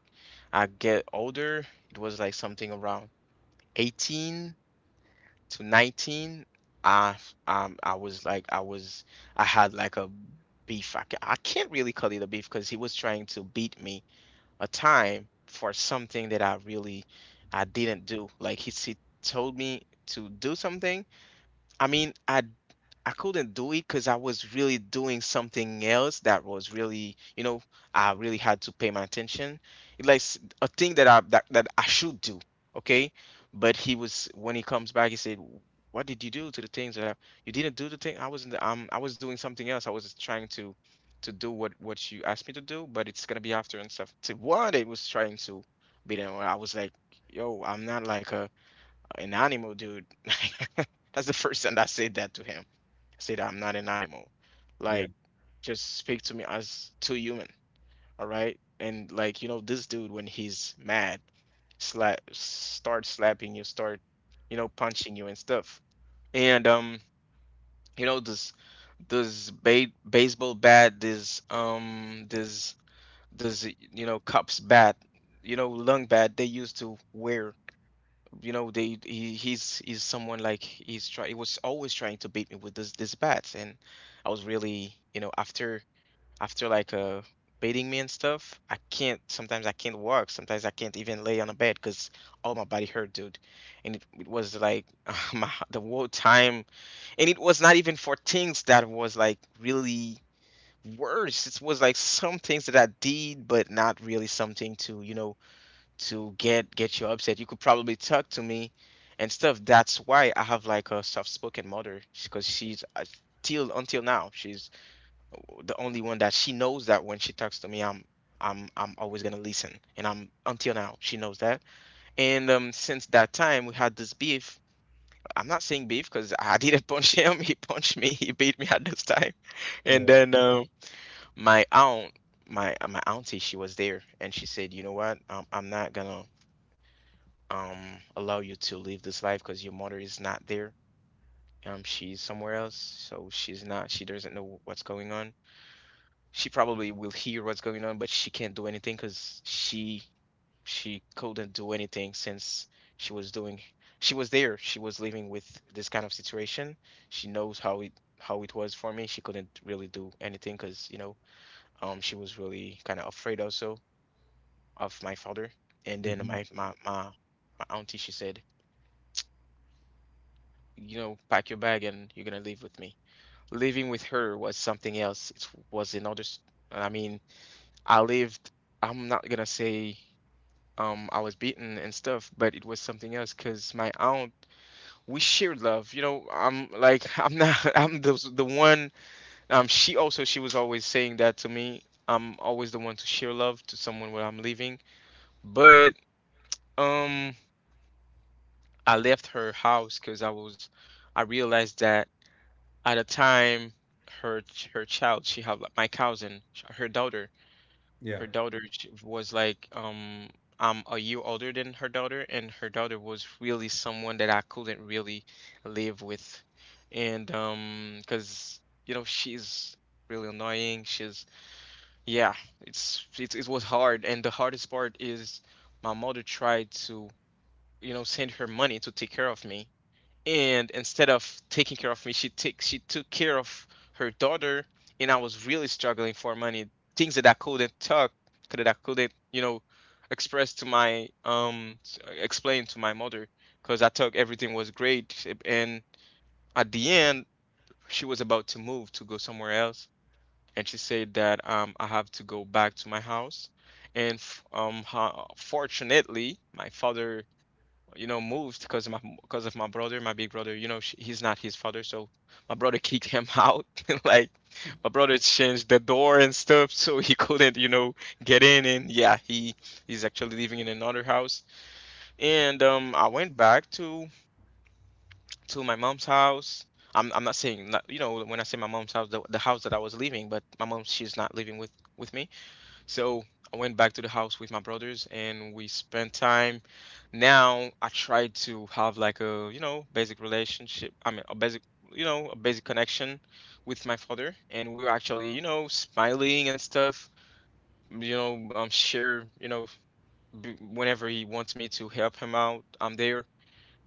[SPEAKER 1] I get older it was like something around eighteen to nineteen. I um I was like I was I had like a beef. i, ca- I can't really call it a beef because he was trying to beat me a time for something that I really I didn't do. Like, he, he told me to do something. I mean, I I couldn't do it because I was really doing something else that was really, you know, I really had to pay my attention. It like s- a thing that I that, that I should do, okay? But he was when he comes back, he said, "What did you do to the things that I, you didn't do the thing? I was not, um I was doing something else. I was just trying to to do what what you asked me to do, but it's gonna be after and stuff." To what it was trying to be there, I was like, "Yo, I'm not like a an animal, dude." [LAUGHS] That's the first time I said that to him, say that I'm not an animal.
[SPEAKER 2] yeah,
[SPEAKER 1] Like, just speak to me as to human, all right? And like, you know, this dude, when he's mad, slap start slapping you, start, you know, punching you and stuff. And um, you know, this this ba baseball bat, this um this this, you know, cops bat, you know, long bat they used to wear, you know, they he, he's he's someone, like, he's try he was always trying to beat me with this this bat. And I was really, you know, after after like uh beating me and stuff, I can't, sometimes I can't walk, sometimes I can't even lay on a bed because all my body hurt, dude. And it, it was like [LAUGHS] my, the whole time. And it was not even for things that was like really worse. It was like some things that I did, but not really something to, you know, to get get you upset. You could probably talk to me and stuff. That's why I have like a soft-spoken mother, because she's uh, till until now, she's the only one that she knows that when she talks to me, I'm I'm I'm always gonna listen, and I'm, until now, she knows that. And um, since that time, we had this beef. I'm not saying beef because [LAUGHS] I didn't punch him. He punched me. [LAUGHS] He beat me at this time. [LAUGHS] And
[SPEAKER 2] yeah,
[SPEAKER 1] then um, my aunt, my uh, my auntie, she was there, and she said, "You know what? Um, I'm not gonna um allow you to live this life because your mother is not there. Um, she's somewhere else, so she's not. She doesn't know what's going on. She probably will hear what's going on, but she can't do anything because she she couldn't do anything since she was doing. She was there. She was living with this kind of situation. She knows how it, how it was for me. She couldn't really do anything because, you know, um she was really kind of afraid also of my father. And
[SPEAKER 2] hmm
[SPEAKER 1] then my my my my auntie, she said, you know, pack your bag and you're gonna live with me. Living with her was something else. It was another. s- I mean, I lived. I'm not gonna say um I was beaten and stuff, but it was something else because my aunt, we shared love. You know, I'm like [LAUGHS] I'm not [LAUGHS] I'm the the one. Um, she also, she was always saying that to me. I'm always the one to share love to someone when I'm leaving, but um I left her house because I was I realized that. At a time, her ch- her child, she had, like, my cousin, sh- her daughter.
[SPEAKER 2] yeah,
[SPEAKER 1] Her daughter, she was like, um I'm a year older than her daughter, and her daughter was really someone that I couldn't really live with. And um because, you know, she's really annoying, she's, yeah, it's, it's it was hard. And the hardest part is my mother tried to, you know, send her money to take care of me, and instead of taking care of me, she took she took care of her daughter. And I was really struggling for money, things that I couldn't talk, that I couldn't, you know, express to my um s- explain to my mother because I thought everything was great. And at the end, she was about to move, to go somewhere else, and she said that um I have to go back to my house. And f- um ho- fortunately, my father, you know, moved, because my, because of my brother, my big brother. You know, sh he's not his father, so my brother [LAUGHS] kicked him out. [LAUGHS] Like, my brother changed the door and stuff, so he couldn't, you know, get in. And yeah, he, he's actually living in another house. And um, I went back to to my mom's house. I'm I'm not saying, not, you know, when I say my mom's house, the the house that I was living, but my mom, she's not living with with me. So I went back to the house with my brothers, and we spent time. Now I try to have, like, a, you know, basic relationship. I mean, a basic, you know, a basic connection with my father. And we were actually, you know, smiling and stuff. You know, um, share, you know, b- whenever he wants me to help him out, I'm there.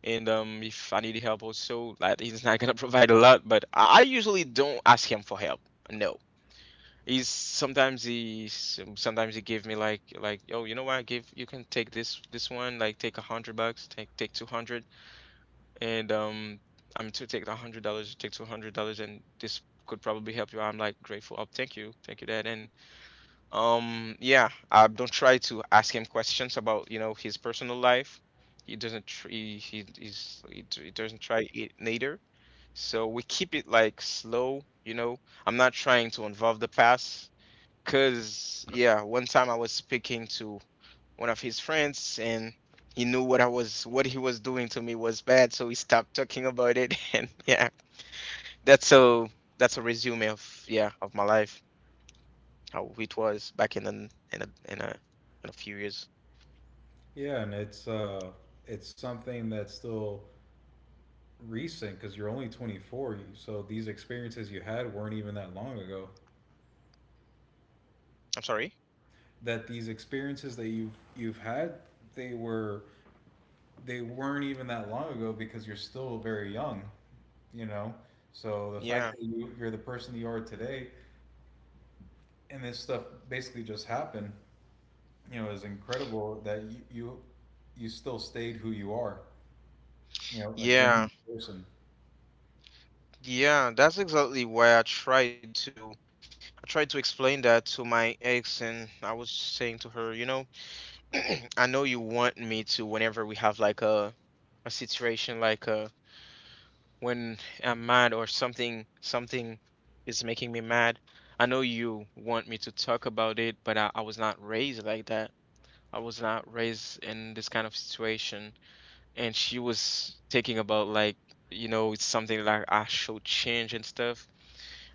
[SPEAKER 1] And um, if I need help also, like, he's not gonna [LAUGHS] provide a lot, but I I usually don't ask him for help. No. He's sometimes he some- sometimes he give me, like like yo, you know what, give you can take this this one, like, take a hundred bucks, take take two hundred. And um I'm to take a hundred dollars, take two hundred dollars, and this could probably help you out." I'm like, grateful, oh, thank you, thank you, dad. And um yeah, I don't try to ask him questions about, you know, his personal life. He doesn't tr he he he's, he, d- he doesn't try it neither. So we keep it like slow, you know, I'm not trying to involve the past. Cause yeah, one time I was speaking to one of his friends, and he knew what I was what he was doing to me was bad, so he stopped talking about it [LAUGHS] and yeah. That's a that's a resume of, yeah, of my life, how it was back in an in a in a in a few years.
[SPEAKER 2] yeah. And it's uh, it's something that's still recent because you're only twenty-four, so these experiences you had weren't even that long ago
[SPEAKER 1] I'm sorry?
[SPEAKER 2] that these experiences that you've you've had they were they weren't even that long ago because you're still very young, you know, so the fact
[SPEAKER 1] Yeah.
[SPEAKER 2] that you, you're the person you are today and this stuff basically just happened, you know, is incredible that you you, you still stayed who you are, you know, a
[SPEAKER 1] Yeah.
[SPEAKER 2] genuine person.
[SPEAKER 1] Yeah, that's exactly why I tried to, I tried to explain that to my ex, and I was saying to her, you know, [CLEARS THROAT] I know you want me to, whenever we have like a a situation, like, uh when I'm mad, or something something is making me mad. I know you want me to talk about it, but I, I was not raised like that. I was not raised in this kind of situation. And she was thinking about, like, you know, it's something like I should change and stuff.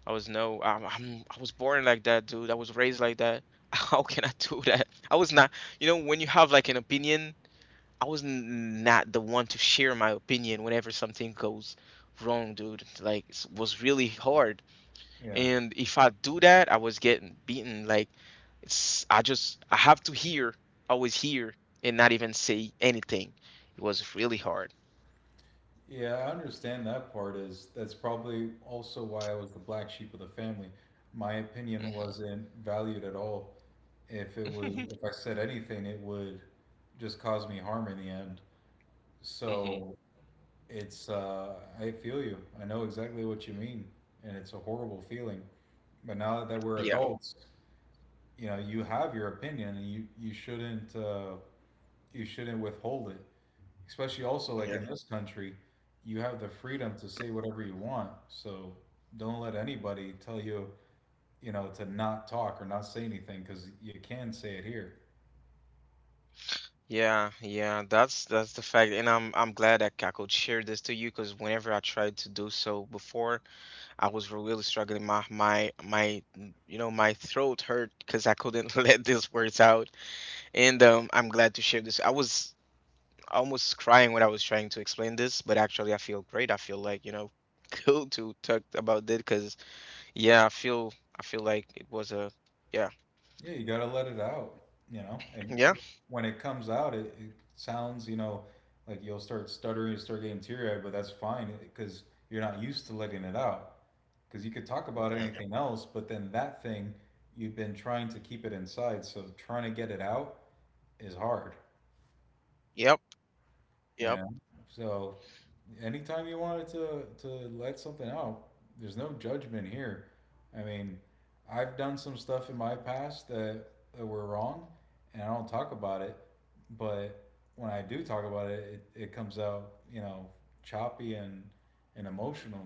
[SPEAKER 1] I was, no, I'm, I'm I was born like that, dude. I was raised like that. [LAUGHS] How can I do that? I was not, you know, when you have like an opinion, I was n- not the one to share my opinion whenever something goes wrong, dude. Like, it was really hard.
[SPEAKER 2] Yeah,
[SPEAKER 1] And if I do that, I was getting beaten. Like, it's, I just, I have to hear, always hear, and not even say anything. It was really hard.
[SPEAKER 2] Yeah, I understand that part is that's probably also why I was the black sheep of the family. My opinion
[SPEAKER 1] Hmm.
[SPEAKER 2] wasn't valued at all. If it was if
[SPEAKER 1] [LAUGHS]
[SPEAKER 2] I said anything, it would just cause me harm in the end.
[SPEAKER 1] Hmm.
[SPEAKER 2] So it's uh I feel you. I know exactly what you mean, and it's a horrible feeling. But now that we're
[SPEAKER 1] Yeah,
[SPEAKER 2] adults, you know, you have your opinion and you you shouldn't uh you shouldn't withhold it. Especially also like
[SPEAKER 1] yeah.
[SPEAKER 2] in this country, you have the freedom to say whatever you want. So don't let anybody tell you, you know, to not talk or not say anything because you can say it here.
[SPEAKER 1] Yeah, yeah, that's that's the fact, and I'm I'm glad that I could share this to you because whenever I tried to do so before, I was really struggling. My my my, mm, you know, my throat hurt because I couldn't [LAUGHS] let these words out. And um, I'm glad to share this. I was almost crying when I was trying to explain this, but actually, I feel great. I feel like, you know, [LAUGHS] cool to talk about this because, yeah, I feel I feel like it was a, yeah,
[SPEAKER 2] Yeah, you got to let it out, you know. And
[SPEAKER 1] yeah,
[SPEAKER 2] when it comes out, it, it sounds, you know, like you'll start stuttering, you start getting teary-eyed, but that's fine because you're not used to letting it out. Because you could talk about
[SPEAKER 1] yeah,
[SPEAKER 2] anything else, but then that thing, you've been trying to keep it inside. So trying to get it out is hard.
[SPEAKER 1] yep,
[SPEAKER 2] Yeah.
[SPEAKER 1] yep,
[SPEAKER 2] So anytime you wanted to to let something out, there's no judgment here. I mean, I've done some stuff in my past that, that were wrong and I don't talk about it, but when I do talk about it, it, it comes out, you know, choppy and and emotional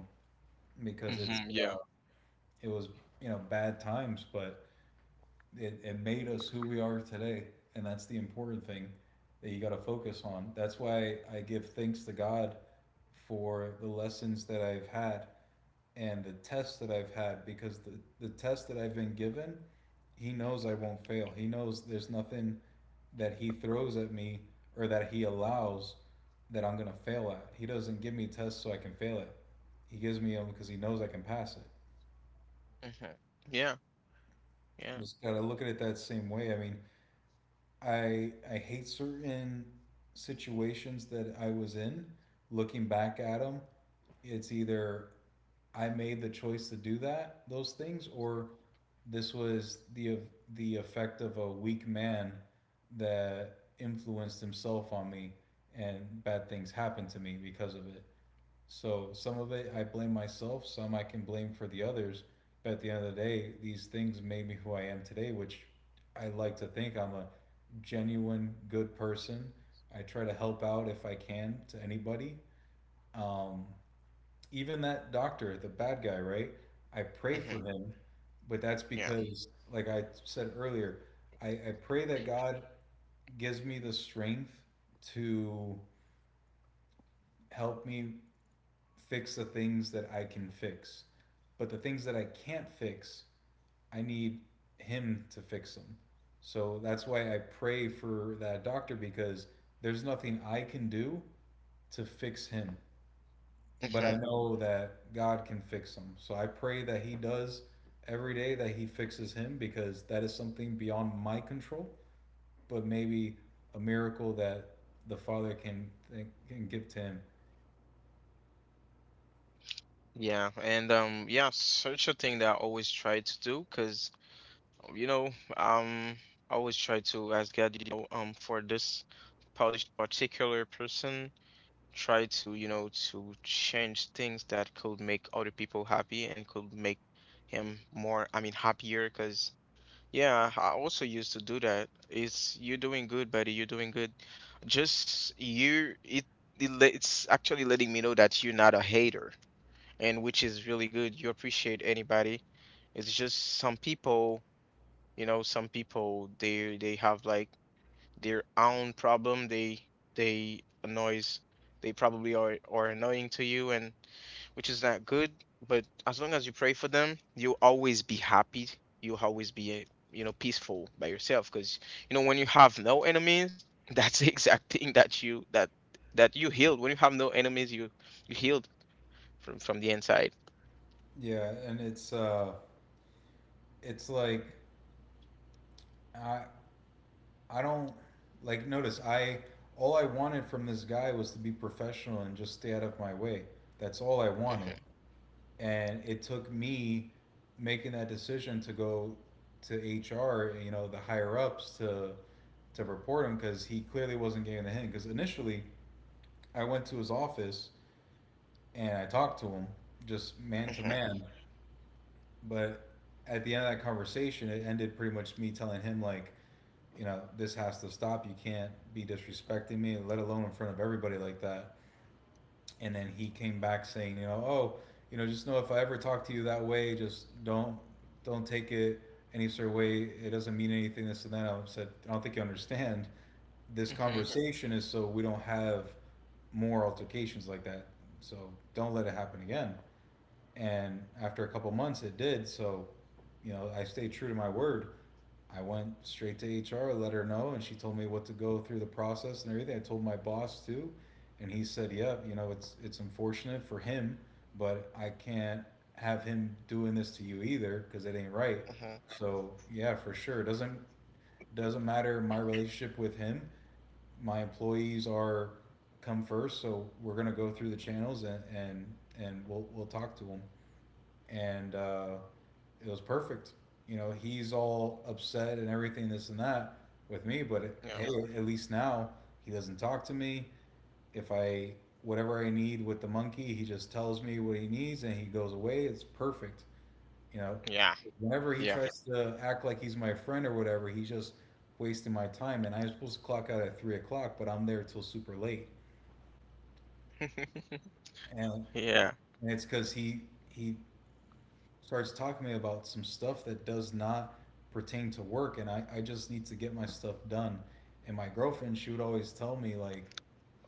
[SPEAKER 2] because it's
[SPEAKER 1] mm-hmm,
[SPEAKER 2] uh,
[SPEAKER 1] yeah,
[SPEAKER 2] it was, you know, bad times, but it, it made us who we are today and that's the important thing that you got to focus on. That's why I give thanks to God for the lessons that I've had and the tests that I've had because the, the test that I've been given, he knows I won't fail. He knows there's nothing that he throws at me or that he allows that I'm going to fail at. He doesn't give me tests so I can fail it. He gives me them because he knows I can pass it.
[SPEAKER 1] mm-hmm, yeah, yeah,
[SPEAKER 2] Just gotta look at it that same way. I mean, I I hate certain situations that I was in. Looking back at them, it's either I made the choice to do that those things, or this was the the effect of a weak man that influenced himself on me, and bad things happened to me because of it. So some of it I blame myself, some I can blame for the others. But at the end of the day, these things made me who I am today, which I like to think I'm a genuine good person. I try to help out if I can to anybody. Um, even that doctor, the bad guy, right? I pray for
[SPEAKER 1] mm-hmm,
[SPEAKER 2] him, but that's
[SPEAKER 1] yeah,
[SPEAKER 2] because, like I said earlier, I, I pray that God gives me the strength to help me fix the things that I can fix. But the things that I can't fix, I need him to fix them. So that's why I pray for that doctor because there's nothing I can do to fix him. But I
[SPEAKER 1] mm-hmm.
[SPEAKER 2] know that God can fix him. So I pray that he does every day that he fixes him because that is something beyond my control, but maybe a miracle that the father can can give to him.
[SPEAKER 1] Yeah, and um, yeah, such a thing that I always try to do because you know, um, I always try to ask God, you know, um, for this par- this particular person, try to, you know, to change things that could make other people happy and could make him more, I mean, happier. Because, yeah, I also used to do that. It's you're doing good, buddy. You're doing good. Just you, it, it le- It's actually letting me know that you're not a hater, and which is really good. You appreciate anybody. It's just some people, you know, some people, they they have like their own problem, they they annoys, they probably are are annoying to you, and which is not good. But as long as you pray for them, you'll always be happy, you'll always be eh, you know, peaceful by yourself, because you know, when you have no enemies [LAUGHS] that's the exact thing that you that that you healed. When you have no enemies, you you healed from from the inside.
[SPEAKER 2] Yeah, and it's uh it's like I I don't like notice I all I wanted from this guy was to be professional and just stay out of my way. That's all I wanted.
[SPEAKER 1] Hmm.
[SPEAKER 2] And it took me making that decision to go to H R, you know, the higher ups to to report him because he clearly wasn't getting the hint. Because initially I went to his office and I talked to him just man to
[SPEAKER 1] Hmm.
[SPEAKER 2] man, but at the end of that conversation, it ended pretty much me telling him like, you know, this has to stop. You can't be disrespecting me, let alone in front of everybody like that. And then he came back saying, you know, oh, you know, just know if I ever talk to you that way, just don't don't take it any sort of way. It doesn't mean anything. This and that. I said, I don't think you understand. This
[SPEAKER 1] Hmm.
[SPEAKER 2] conversation is so we don't have more altercations like that. So don't let it happen again. And after a couple months, it did. So, you know, I stayed true to my word. I went straight to H R, let her know, and she told me what to go through the process and everything. I told my boss too, and he said, "Yeah, you know, it's it's unfortunate for him, but I can't have him doing this to you either because it ain't right."
[SPEAKER 1] Hmm.
[SPEAKER 2] So yeah, for sure, It doesn't doesn't matter my relationship with him. My employees are come first, so we're gonna go through the channels and and, and we'll we'll talk to them and uh, it was perfect. You know, he's all upset and everything, this and that, with me. But it, hey, at least now he doesn't talk to me. If I whatever I need with the monkey, he just tells me what he needs and he goes away. It's perfect. You know,
[SPEAKER 1] Yeah.
[SPEAKER 2] whenever he
[SPEAKER 1] Yeah.
[SPEAKER 2] tries to act like he's my friend or whatever, he's just wasting my time. And I'm supposed to clock out at three o'clock, but I'm there till super late.
[SPEAKER 1] Yeah.
[SPEAKER 2] And,
[SPEAKER 1] [LAUGHS]
[SPEAKER 2] and it's because he he starts talking to me about some stuff that does not pertain to work and I, I just need to get my stuff done. And my girlfriend, she would always tell me like,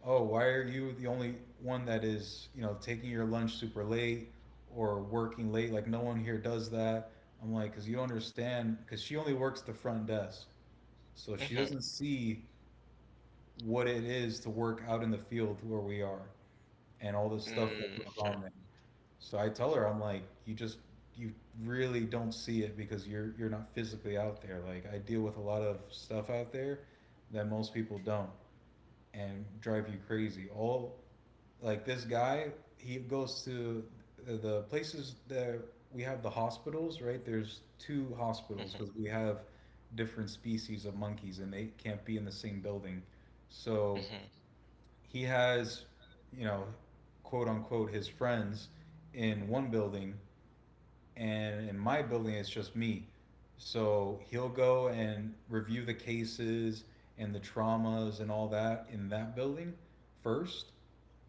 [SPEAKER 2] "Oh, why are you the only one that is, you know, taking your lunch super late or working late? Like no one here does that." I'm like, because you don't understand, because she only works the front desk.
[SPEAKER 1] Yeah.
[SPEAKER 2] So she
[SPEAKER 1] Hmm.
[SPEAKER 2] doesn't see what it is to work out in the field where we are and all the stuff that
[SPEAKER 1] Mm,
[SPEAKER 2] goes
[SPEAKER 1] okay.
[SPEAKER 2] on there. So I tell her, I'm like, you just you really don't see it because you're you're not physically out there. Like I deal with a lot of stuff out there that most people don't and drive you crazy. All like this guy, he goes to the- places that we have, the hospitals, right? There's two
[SPEAKER 1] Mm-hmm,
[SPEAKER 2] hospitals because we have different species of monkeys and they can't be in the same building. So
[SPEAKER 1] mm-hmm,
[SPEAKER 2] he has, you know, quote unquote his friends in one building, and in my building it's just me. So he'll go and review the cases and the traumas and all that in that building first,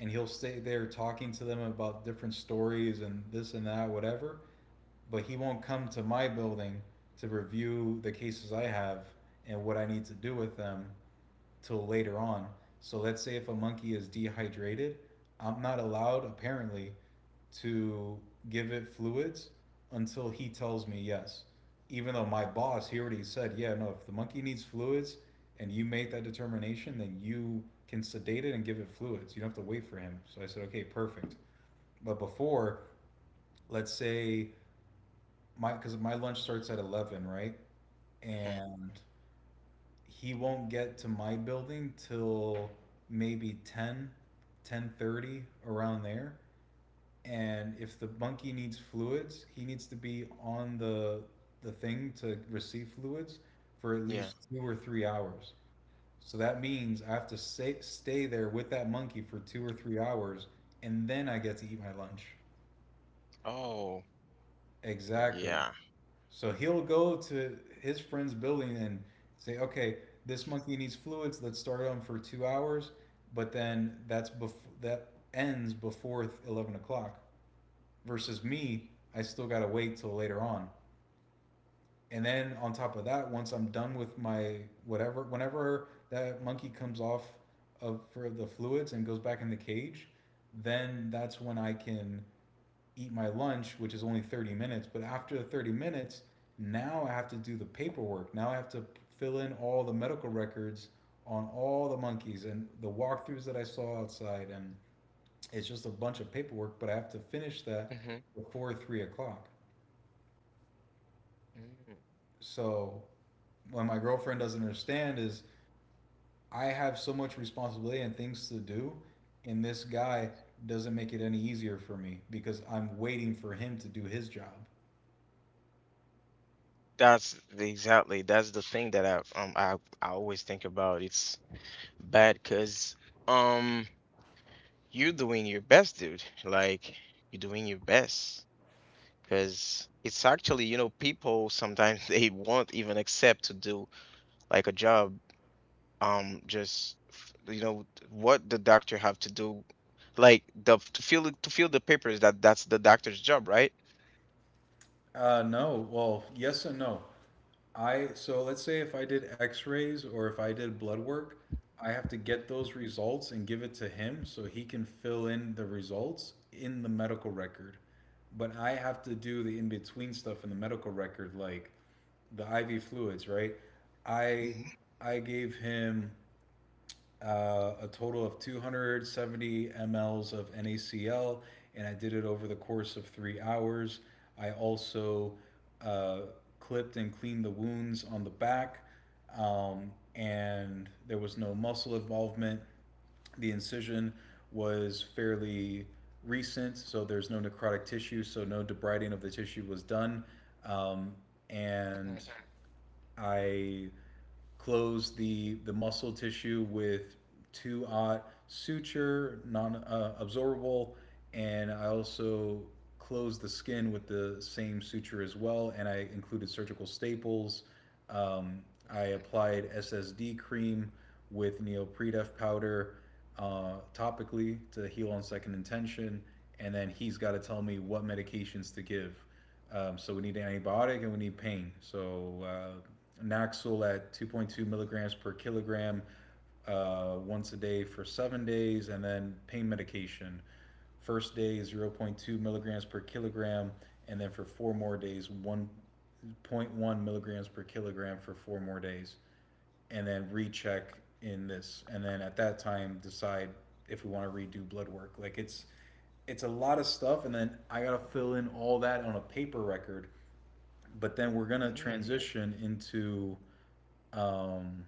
[SPEAKER 2] and he'll stay there talking to them about different stories and this and that, whatever. But he won't come to my building to review the cases I have and what I need to do with them till later on. So let's say if a monkey is dehydrated, I'm not allowed apparently to give it fluids until he tells me yes. Even though my boss, he already said, yeah, no, if the monkey needs fluids and you make that determination, then you can sedate it and give it fluids. You don't have to wait for him. So I said, okay, perfect. But before, let's say my, because my lunch starts at eleven, right?
[SPEAKER 1] hmm.
[SPEAKER 2] And he won't get to my building till maybe ten, ten thirty, around there. And if the monkey needs fluids, he needs to be on the the thing to receive fluids for at
[SPEAKER 1] Yeah.
[SPEAKER 2] least two or three hours. So that means I have to stay, stay there with that monkey for two or three hours, and then I get to eat my lunch.
[SPEAKER 1] Oh,
[SPEAKER 2] Exactly.
[SPEAKER 1] yeah.
[SPEAKER 2] So he'll go to his friend's building and say, okay, this monkey needs fluids. Let's start him for two hours, but then that's bef- that ends before th- eleven o'clock. Versus me, I still gotta wait till later on. And then on top of that, once I'm done with my whatever, whenever that monkey comes off of for the fluids and goes back in the cage, then that's when I can eat my lunch, which is only thirty minutes. But after the thirty minutes, now I have to do the paperwork. Now I have to fill in all the medical records on all the monkeys and the walkthroughs that I saw outside. And it's just a bunch of paperwork, but I have to finish that
[SPEAKER 1] Mm-hmm.
[SPEAKER 2] before three o'clock.
[SPEAKER 1] Mm.
[SPEAKER 2] So what my girlfriend doesn't understand is I have so much responsibility and things to do, and this guy doesn't make it any easier for me because I'm waiting for him to do his job.
[SPEAKER 1] That's the- exactly, that's the thing that I um I I always think about. It's bad, cause um you're doing your best, dude. Like you're doing your best, cause it's actually, you know, people sometimes [LAUGHS] they won't even accept to do like a job, um just f- you know, what the doctor have to do, like the to fill to fill the papers, that that's the doctor's job, right?
[SPEAKER 2] Uh, no. Well, yes and no. I So let's say if I did x-rays or if I did blood work, I have to get those results and give it to him so he can fill in the results in the medical record. But I have to do the in-between stuff in the medical record, like the I V fluids, right? I
[SPEAKER 1] Mhm.
[SPEAKER 2] I gave him uh, a total of two hundred seventy mLs of NaCl, and I did it over the course of three hours. I also uh, clipped and cleaned the wounds on the back, um, and there was no muscle involvement. The incision was fairly recent, so there's no necrotic tissue, so no debriding of the tissue was done. Um,
[SPEAKER 1] Yeah,
[SPEAKER 2] and I closed the the muscle tissue with two aught suture, non-absorbable, uh, and I also closed the skin with the same suture as well. And I included surgical staples. Um,
[SPEAKER 1] yeah.
[SPEAKER 2] I applied S S D cream with neopredef powder uh, topically to heal on second intention, and then he's got to tell me what medications to give. Um, so we need an antibiotic and we need pain. So uh, Naxol at two point two milligrams per kilogram, uh, once a day for seven days, and then pain medication. First day is zero point 0.2 milligrams per kilogram, and then for four more days, one point one milligrams per kilogram for four more days, and then recheck in this, and then at that time decide if we want to redo blood work. Like it's it's a lot of stuff, and then I gotta fill in all that on a paper record. But then we're gonna
[SPEAKER 1] Mm,
[SPEAKER 2] transition into um,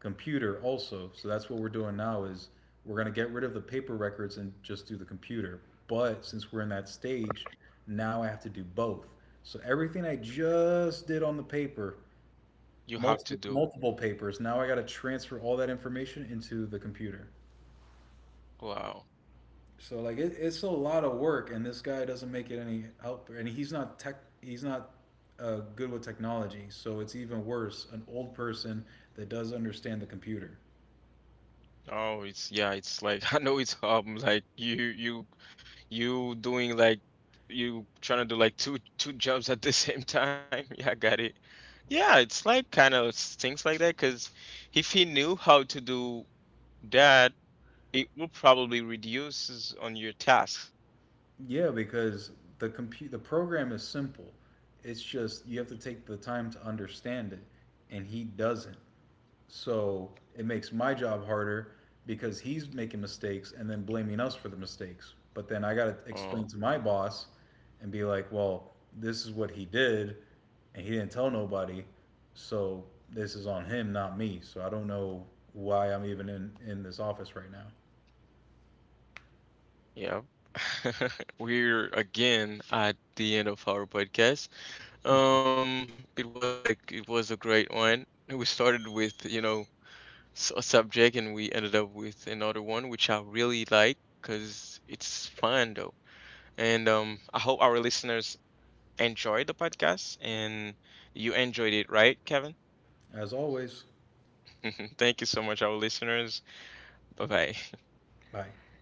[SPEAKER 2] computer also. So that's what we're doing now, is we're gonna get rid of the paper records and just do the computer. But since we're in that stage, now I have to do both. So everything I just did on the paper,
[SPEAKER 1] you have to
[SPEAKER 2] multiple
[SPEAKER 1] do
[SPEAKER 2] multiple papers. Now I got to transfer all that information into the computer.
[SPEAKER 1] wow.
[SPEAKER 2] So like it, it's a lot of work, and this guy doesn't make it any help, and he's not tech. He's not uh, good with technology, so it's even worse. An old person that does understand the computer.
[SPEAKER 1] Oh, it's yeah, it's like [LAUGHS] I know, it's um like you you you doing like, you trying to do like two two jobs at the same time. [LAUGHS] Yeah, I got it. Yeah, it's like kind of things like that, because if he knew how to do that, it will probably reduces on your tasks.
[SPEAKER 2] Yeah, because the compu- the program is simple. It's just you have to take the time to understand it, and he doesn't. So it makes my job harder because he's making mistakes and then blaming us for the mistakes. But then I got to
[SPEAKER 1] Uh,
[SPEAKER 2] explain to my boss and be like, well, this is what he did and he didn't tell nobody. So this is on him, not me. So I don't know why I'm even in, in this office right now.
[SPEAKER 1] yeah. [LAUGHS] We're again at the end of our podcast. Um, it was like it was a great one. We started with, you know, s- a subject and we ended up with another one, which I really like because it's fun though. And um, I hope our listeners enjoyed the podcast and you enjoyed it, right, Kevin?
[SPEAKER 2] As always,
[SPEAKER 1] [LAUGHS] Thank you so much, our listeners. Bye bye.
[SPEAKER 2] bye.